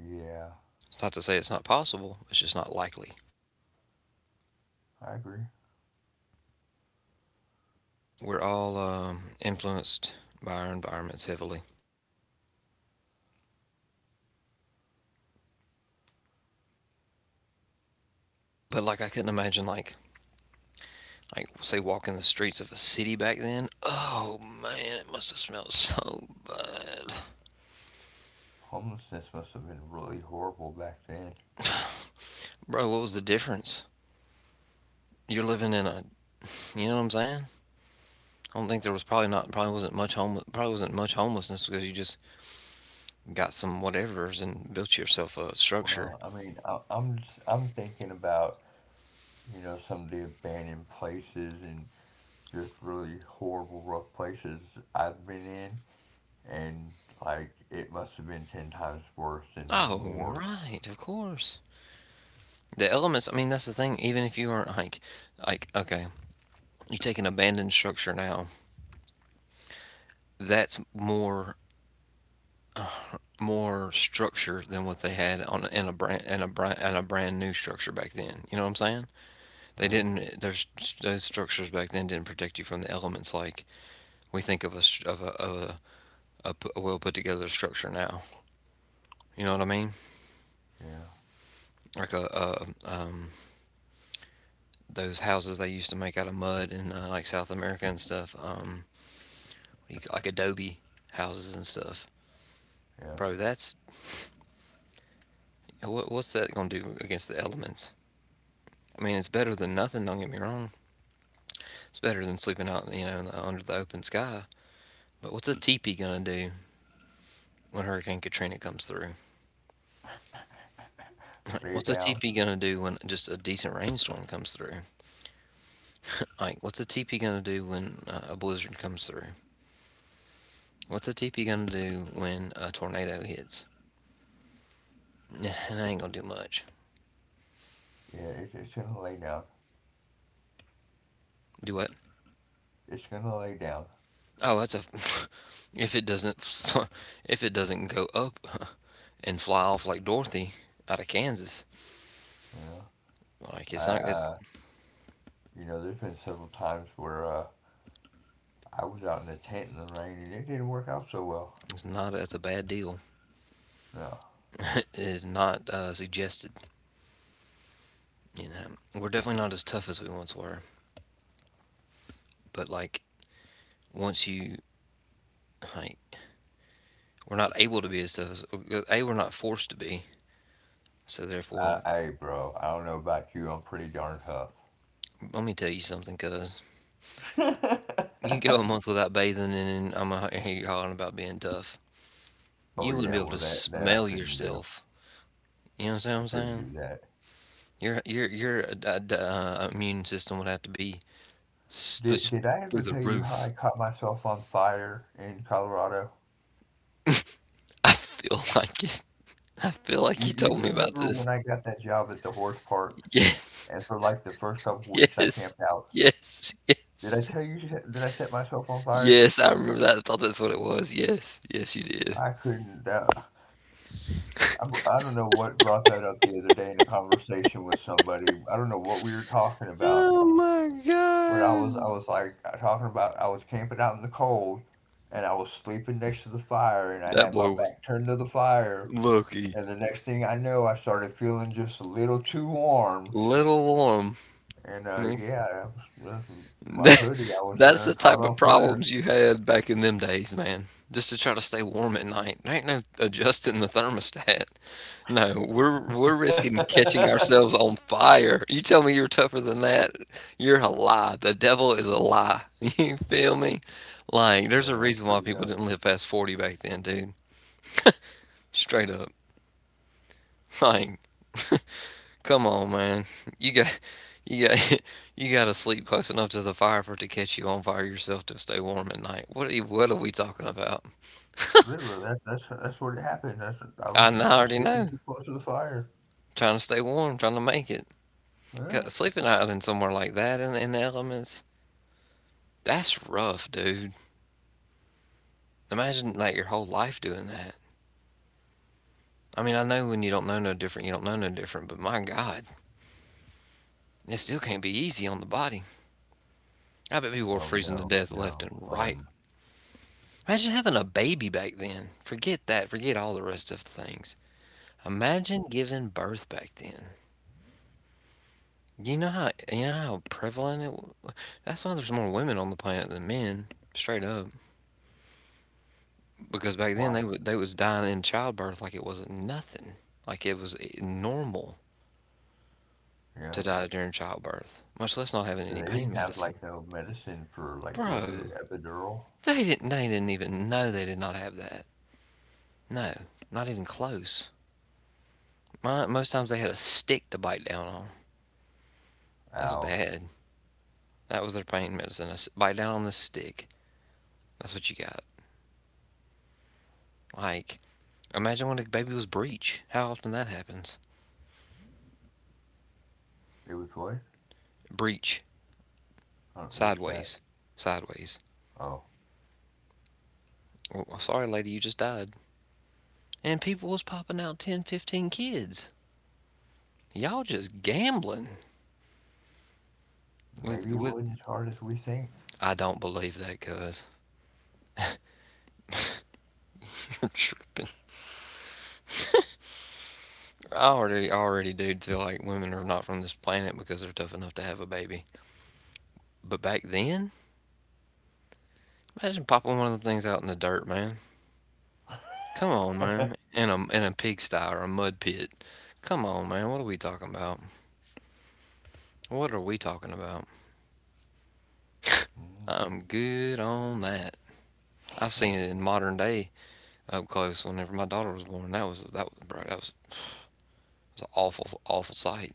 [SPEAKER 2] Yeah.
[SPEAKER 1] It's not to say it's not possible. It's just not likely.
[SPEAKER 2] I agree.
[SPEAKER 1] We're all um, influenced by our environments heavily. But like I couldn't imagine like like say walking the streets of a city back then. Oh man, it must have smelled so bad.
[SPEAKER 2] Homelessness must have been really horrible back then.
[SPEAKER 1] Bro, what was the difference? You're living in a you know what I'm saying? I don't think there was probably not probably wasn't much home probably wasn't much homelessness because you just got some whatevers and built yourself a structure.
[SPEAKER 2] Well, I mean, I, I'm just, I'm thinking about you know some of the abandoned places and just really horrible, rough places I've been in, and like it must have been ten times worse and
[SPEAKER 1] Oh
[SPEAKER 2] more.
[SPEAKER 1] right, of course. The elements. I mean, that's the thing. Even if you aren't like like okay, you take an abandoned structure now. That's more more structure than what they had on in a brand and a brand and a brand new structure back then. You know what I'm saying? They
[SPEAKER 2] Yeah,
[SPEAKER 1] didn't. There's those structures back then didn't protect you from the elements like we think of a of a of a, a, p- a well put together structure now. You know what I mean?
[SPEAKER 2] yeah,
[SPEAKER 1] Like a, a um those houses they used to make out of mud in uh, like South America and stuff. Um, like adobe houses and stuff,
[SPEAKER 2] yeah.
[SPEAKER 1] bro. That's what, what's that gonna do against the elements? I mean, it's better than nothing. Don't get me wrong, it's better than sleeping out, you know, under the open sky. But what's a teepee gonna do when Hurricane Katrina comes through? Like,
[SPEAKER 2] Lay
[SPEAKER 1] what's a
[SPEAKER 2] down.
[SPEAKER 1] teepee gonna do when just a decent rainstorm comes through? Like, what's a teepee gonna do when uh, a blizzard comes through? What's a teepee gonna do when a tornado hits? It ain't gonna do much.
[SPEAKER 2] Yeah, it's it's gonna lay down.
[SPEAKER 1] Do what?
[SPEAKER 2] It's gonna lay down.
[SPEAKER 1] Oh, that's a. If it doesn't, if it doesn't go up and fly off like Dorothy out of Kansas,
[SPEAKER 2] Yeah.
[SPEAKER 1] like
[SPEAKER 2] I
[SPEAKER 1] it's not, it's,
[SPEAKER 2] uh, you know, there's been several times where uh, I was out in a tent in the rain and it didn't work out so well.
[SPEAKER 1] it's not as a bad deal.
[SPEAKER 2] No.
[SPEAKER 1] Is not uh, suggested. You know, we're definitely not as tough as we once were, but like once you like, we're not able to be as tough as a we're not forced to be. So therefore,
[SPEAKER 2] Uh, hey, bro, I don't know about you. I'm pretty darn tough.
[SPEAKER 1] let me tell you something, cuz you go a month without bathing, and I'm gonna hear you hollering about being tough.
[SPEAKER 2] Oh
[SPEAKER 1] You wouldn't
[SPEAKER 2] yeah,
[SPEAKER 1] be able
[SPEAKER 2] well
[SPEAKER 1] to
[SPEAKER 2] that that I
[SPEAKER 1] smell
[SPEAKER 2] couldn't do.
[SPEAKER 1] yourself. You know what
[SPEAKER 2] I
[SPEAKER 1] I'm
[SPEAKER 2] couldn't
[SPEAKER 1] saying?
[SPEAKER 2] do that.
[SPEAKER 1] Your your your uh, uh, immune system would have to be s-
[SPEAKER 2] Did did I
[SPEAKER 1] through
[SPEAKER 2] ever
[SPEAKER 1] the
[SPEAKER 2] tell you how I
[SPEAKER 1] roof.
[SPEAKER 2] caught myself on fire in Colorado?
[SPEAKER 1] I feel like it. I feel like
[SPEAKER 2] You
[SPEAKER 1] you
[SPEAKER 2] you
[SPEAKER 1] told me about
[SPEAKER 2] remember when
[SPEAKER 1] this.
[SPEAKER 2] I got that job at the horse park
[SPEAKER 1] Yes.
[SPEAKER 2] and for like the first couple weeks I
[SPEAKER 1] Yes.
[SPEAKER 2] camped out?
[SPEAKER 1] Yes.
[SPEAKER 2] Did I
[SPEAKER 1] Yes.
[SPEAKER 2] tell you that I set myself on fire?
[SPEAKER 1] Yes, I remember that. I thought that's what it was. Yes. Yes, you did.
[SPEAKER 2] I couldn't. Uh, I'm, I don't know what brought that up the other day in a conversation with somebody. I don't know what we were talking about.
[SPEAKER 1] Oh my
[SPEAKER 2] When I was I
[SPEAKER 1] god.
[SPEAKER 2] was like talking about I was camping out in the cold and I was sleeping next to the fire and I
[SPEAKER 1] That
[SPEAKER 2] had my
[SPEAKER 1] boy was
[SPEAKER 2] back turned to the fire
[SPEAKER 1] Loki.
[SPEAKER 2] and the next thing I know I started feeling just a little too warm
[SPEAKER 1] Little warm.
[SPEAKER 2] and uh,
[SPEAKER 1] Hmm.
[SPEAKER 2] yeah I was, that's- my
[SPEAKER 1] That,
[SPEAKER 2] hoodie I was
[SPEAKER 1] that's the
[SPEAKER 2] wearing caught
[SPEAKER 1] type of
[SPEAKER 2] on fire.
[SPEAKER 1] problems you had back in them days, man. Just to try to stay warm at night. There ain't no adjusting the thermostat. No, we're we're risking catching ourselves on fire. You tell me you're tougher than that, you're a lie. The devil is a lie. You feel me? Like,
[SPEAKER 2] Yeah,
[SPEAKER 1] there's
[SPEAKER 2] that
[SPEAKER 1] a
[SPEAKER 2] was
[SPEAKER 1] reason
[SPEAKER 2] pretty
[SPEAKER 1] why people
[SPEAKER 2] nuts.
[SPEAKER 1] didn't live past forty back then, dude. Straight up. Like, come on, man. You got you got you got to sleep close enough to the fire for it to catch you on fire yourself to stay warm at night. What are you, what are we talking about?
[SPEAKER 2] Literally that, that's that's what happened that's I, was-
[SPEAKER 1] I
[SPEAKER 2] I was
[SPEAKER 1] already
[SPEAKER 2] sleeping
[SPEAKER 1] know.
[SPEAKER 2] too close to the fire.
[SPEAKER 1] Trying to stay warm, trying to make it. 'Cause
[SPEAKER 2] Yeah.
[SPEAKER 1] sleeping out in somewhere like that in, in the elements, that's rough, dude. Imagine like your whole life doing that. I mean, I know when you don't know no different, you don't know no different, but my God, it still can't be easy on the body. I bet people were
[SPEAKER 2] oh
[SPEAKER 1] freezing to death
[SPEAKER 2] no
[SPEAKER 1] left and
[SPEAKER 2] no
[SPEAKER 1] right.
[SPEAKER 2] um
[SPEAKER 1] Imagine having a baby back then. Forget that. Forget all the rest of the things. Imagine giving birth back then. You know how you know how prevalent it. Was. That's why there's more women on the planet than men. Straight up. Because back then
[SPEAKER 2] why?
[SPEAKER 1] they wa they was dying in childbirth like it wasn't nothing. Like it was I- normal
[SPEAKER 2] Yeah,
[SPEAKER 1] to die during childbirth, much less not having any
[SPEAKER 2] they
[SPEAKER 1] pain
[SPEAKER 2] didn't have like
[SPEAKER 1] medicine.
[SPEAKER 2] no medicine for, like, what is it,
[SPEAKER 1] Bro,
[SPEAKER 2] epidural?
[SPEAKER 1] they didn't they didn't even know they did not have that. No, not even close. My, most times they had a stick to bite down on. That's what
[SPEAKER 2] Ow.
[SPEAKER 1] they had. That was their pain medicine. A s- bite down on the stick. That's what you got. Like, imagine when a baby was breech. How often that happens?
[SPEAKER 2] It was what?
[SPEAKER 1] Breech.
[SPEAKER 2] Uh, What's that?
[SPEAKER 1] Sideways. Sideways.
[SPEAKER 2] Oh,
[SPEAKER 1] Well, sorry, lady, you just died. And people was popping out ten, fifteen kids. Y'all just gambling with
[SPEAKER 2] maybe
[SPEAKER 1] with.
[SPEAKER 2] it wasn't as hard as we think.
[SPEAKER 1] I don't believe that, cuz you're tripping. I already already do feel like women are not from this planet because they're tough enough to have a baby. But back then, imagine popping one of them things out in the dirt, man. Come on, man. In a in a pigsty or a mud pit. Come on, man. What are we talking about? What are we talking about?
[SPEAKER 2] Mm,
[SPEAKER 1] I'm good on that. I've seen it in modern day up close. Whenever my daughter was born, that was that was bro, that was it's an awful, awful sight.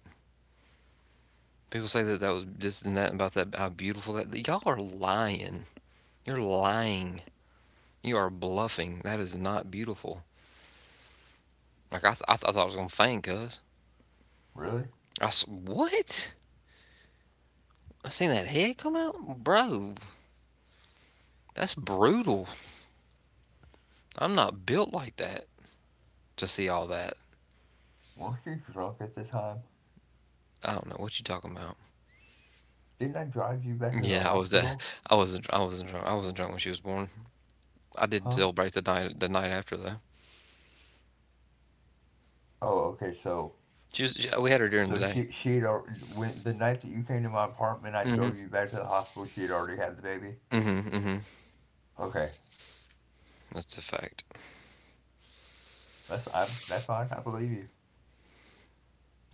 [SPEAKER 1] People say that that was this and that about that how beautiful that. Y'all are lying. You're lying. You are bluffing. That is not beautiful. Like I, th- I, th- I thought I was gonna faint, cuz
[SPEAKER 2] really?
[SPEAKER 1] I s- what? I seen that head come out, bro. That's brutal. I'm not built like that to see all that.
[SPEAKER 2] Weren't you drunk at the time?
[SPEAKER 1] I don't know what you talking about.
[SPEAKER 2] Didn't I drive you back to the
[SPEAKER 1] Yeah, I was that.
[SPEAKER 2] hospital?
[SPEAKER 1] I wasn't. I wasn't drunk. I wasn't drunk when she was born. I did
[SPEAKER 2] Huh?
[SPEAKER 1] celebrate the night. The night after though.
[SPEAKER 2] Oh, okay. So,
[SPEAKER 1] She was. she- we had her during the
[SPEAKER 2] so
[SPEAKER 1] day.
[SPEAKER 2] she she had al- when the night that you came to my apartment, I
[SPEAKER 1] Mm-hmm.
[SPEAKER 2] drove you back to the hospital. She had already had the baby.
[SPEAKER 1] Mm-hmm. Mm-hmm.
[SPEAKER 2] Okay,
[SPEAKER 1] That's a fact.
[SPEAKER 2] that's I that's fine. I believe you.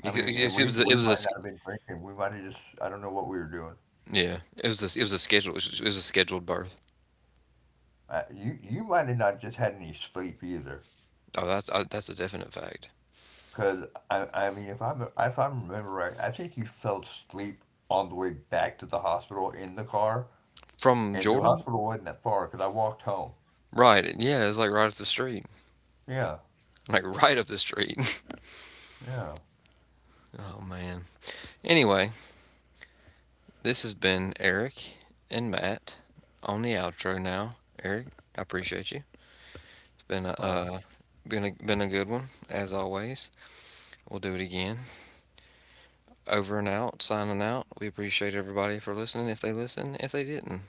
[SPEAKER 2] I mean, and
[SPEAKER 1] It
[SPEAKER 2] we
[SPEAKER 1] was a, it
[SPEAKER 2] we
[SPEAKER 1] was a
[SPEAKER 2] might not have been drinking. We might have just, I don't know what we were doing.
[SPEAKER 1] yeah. It was a, it was a scheduled it was a scheduled birth.
[SPEAKER 2] Uh, you you might have not just had any sleep either.
[SPEAKER 1] Oh, that's uh, that's a definite fact.
[SPEAKER 2] Because I, I mean, if I'm if I remember right, I think you fell asleep on the way back to the hospital in the car,
[SPEAKER 1] From
[SPEAKER 2] and the
[SPEAKER 1] Jordan,
[SPEAKER 2] hospital wasn't that far because I walked home.
[SPEAKER 1] right? Yeah, it's like right up the street,
[SPEAKER 2] Yeah,
[SPEAKER 1] like right up the street.
[SPEAKER 2] yeah,
[SPEAKER 1] Oh man. Anyway, this has been Eric and Matt on the outro now. Eric, I appreciate you. It's been a
[SPEAKER 2] right
[SPEAKER 1] uh, been a been a good one as always. We'll do it again. Over and out. Signing out. We appreciate everybody for listening. If they listen, if they didn't,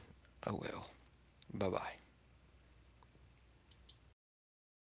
[SPEAKER 1] oh well. Bye bye.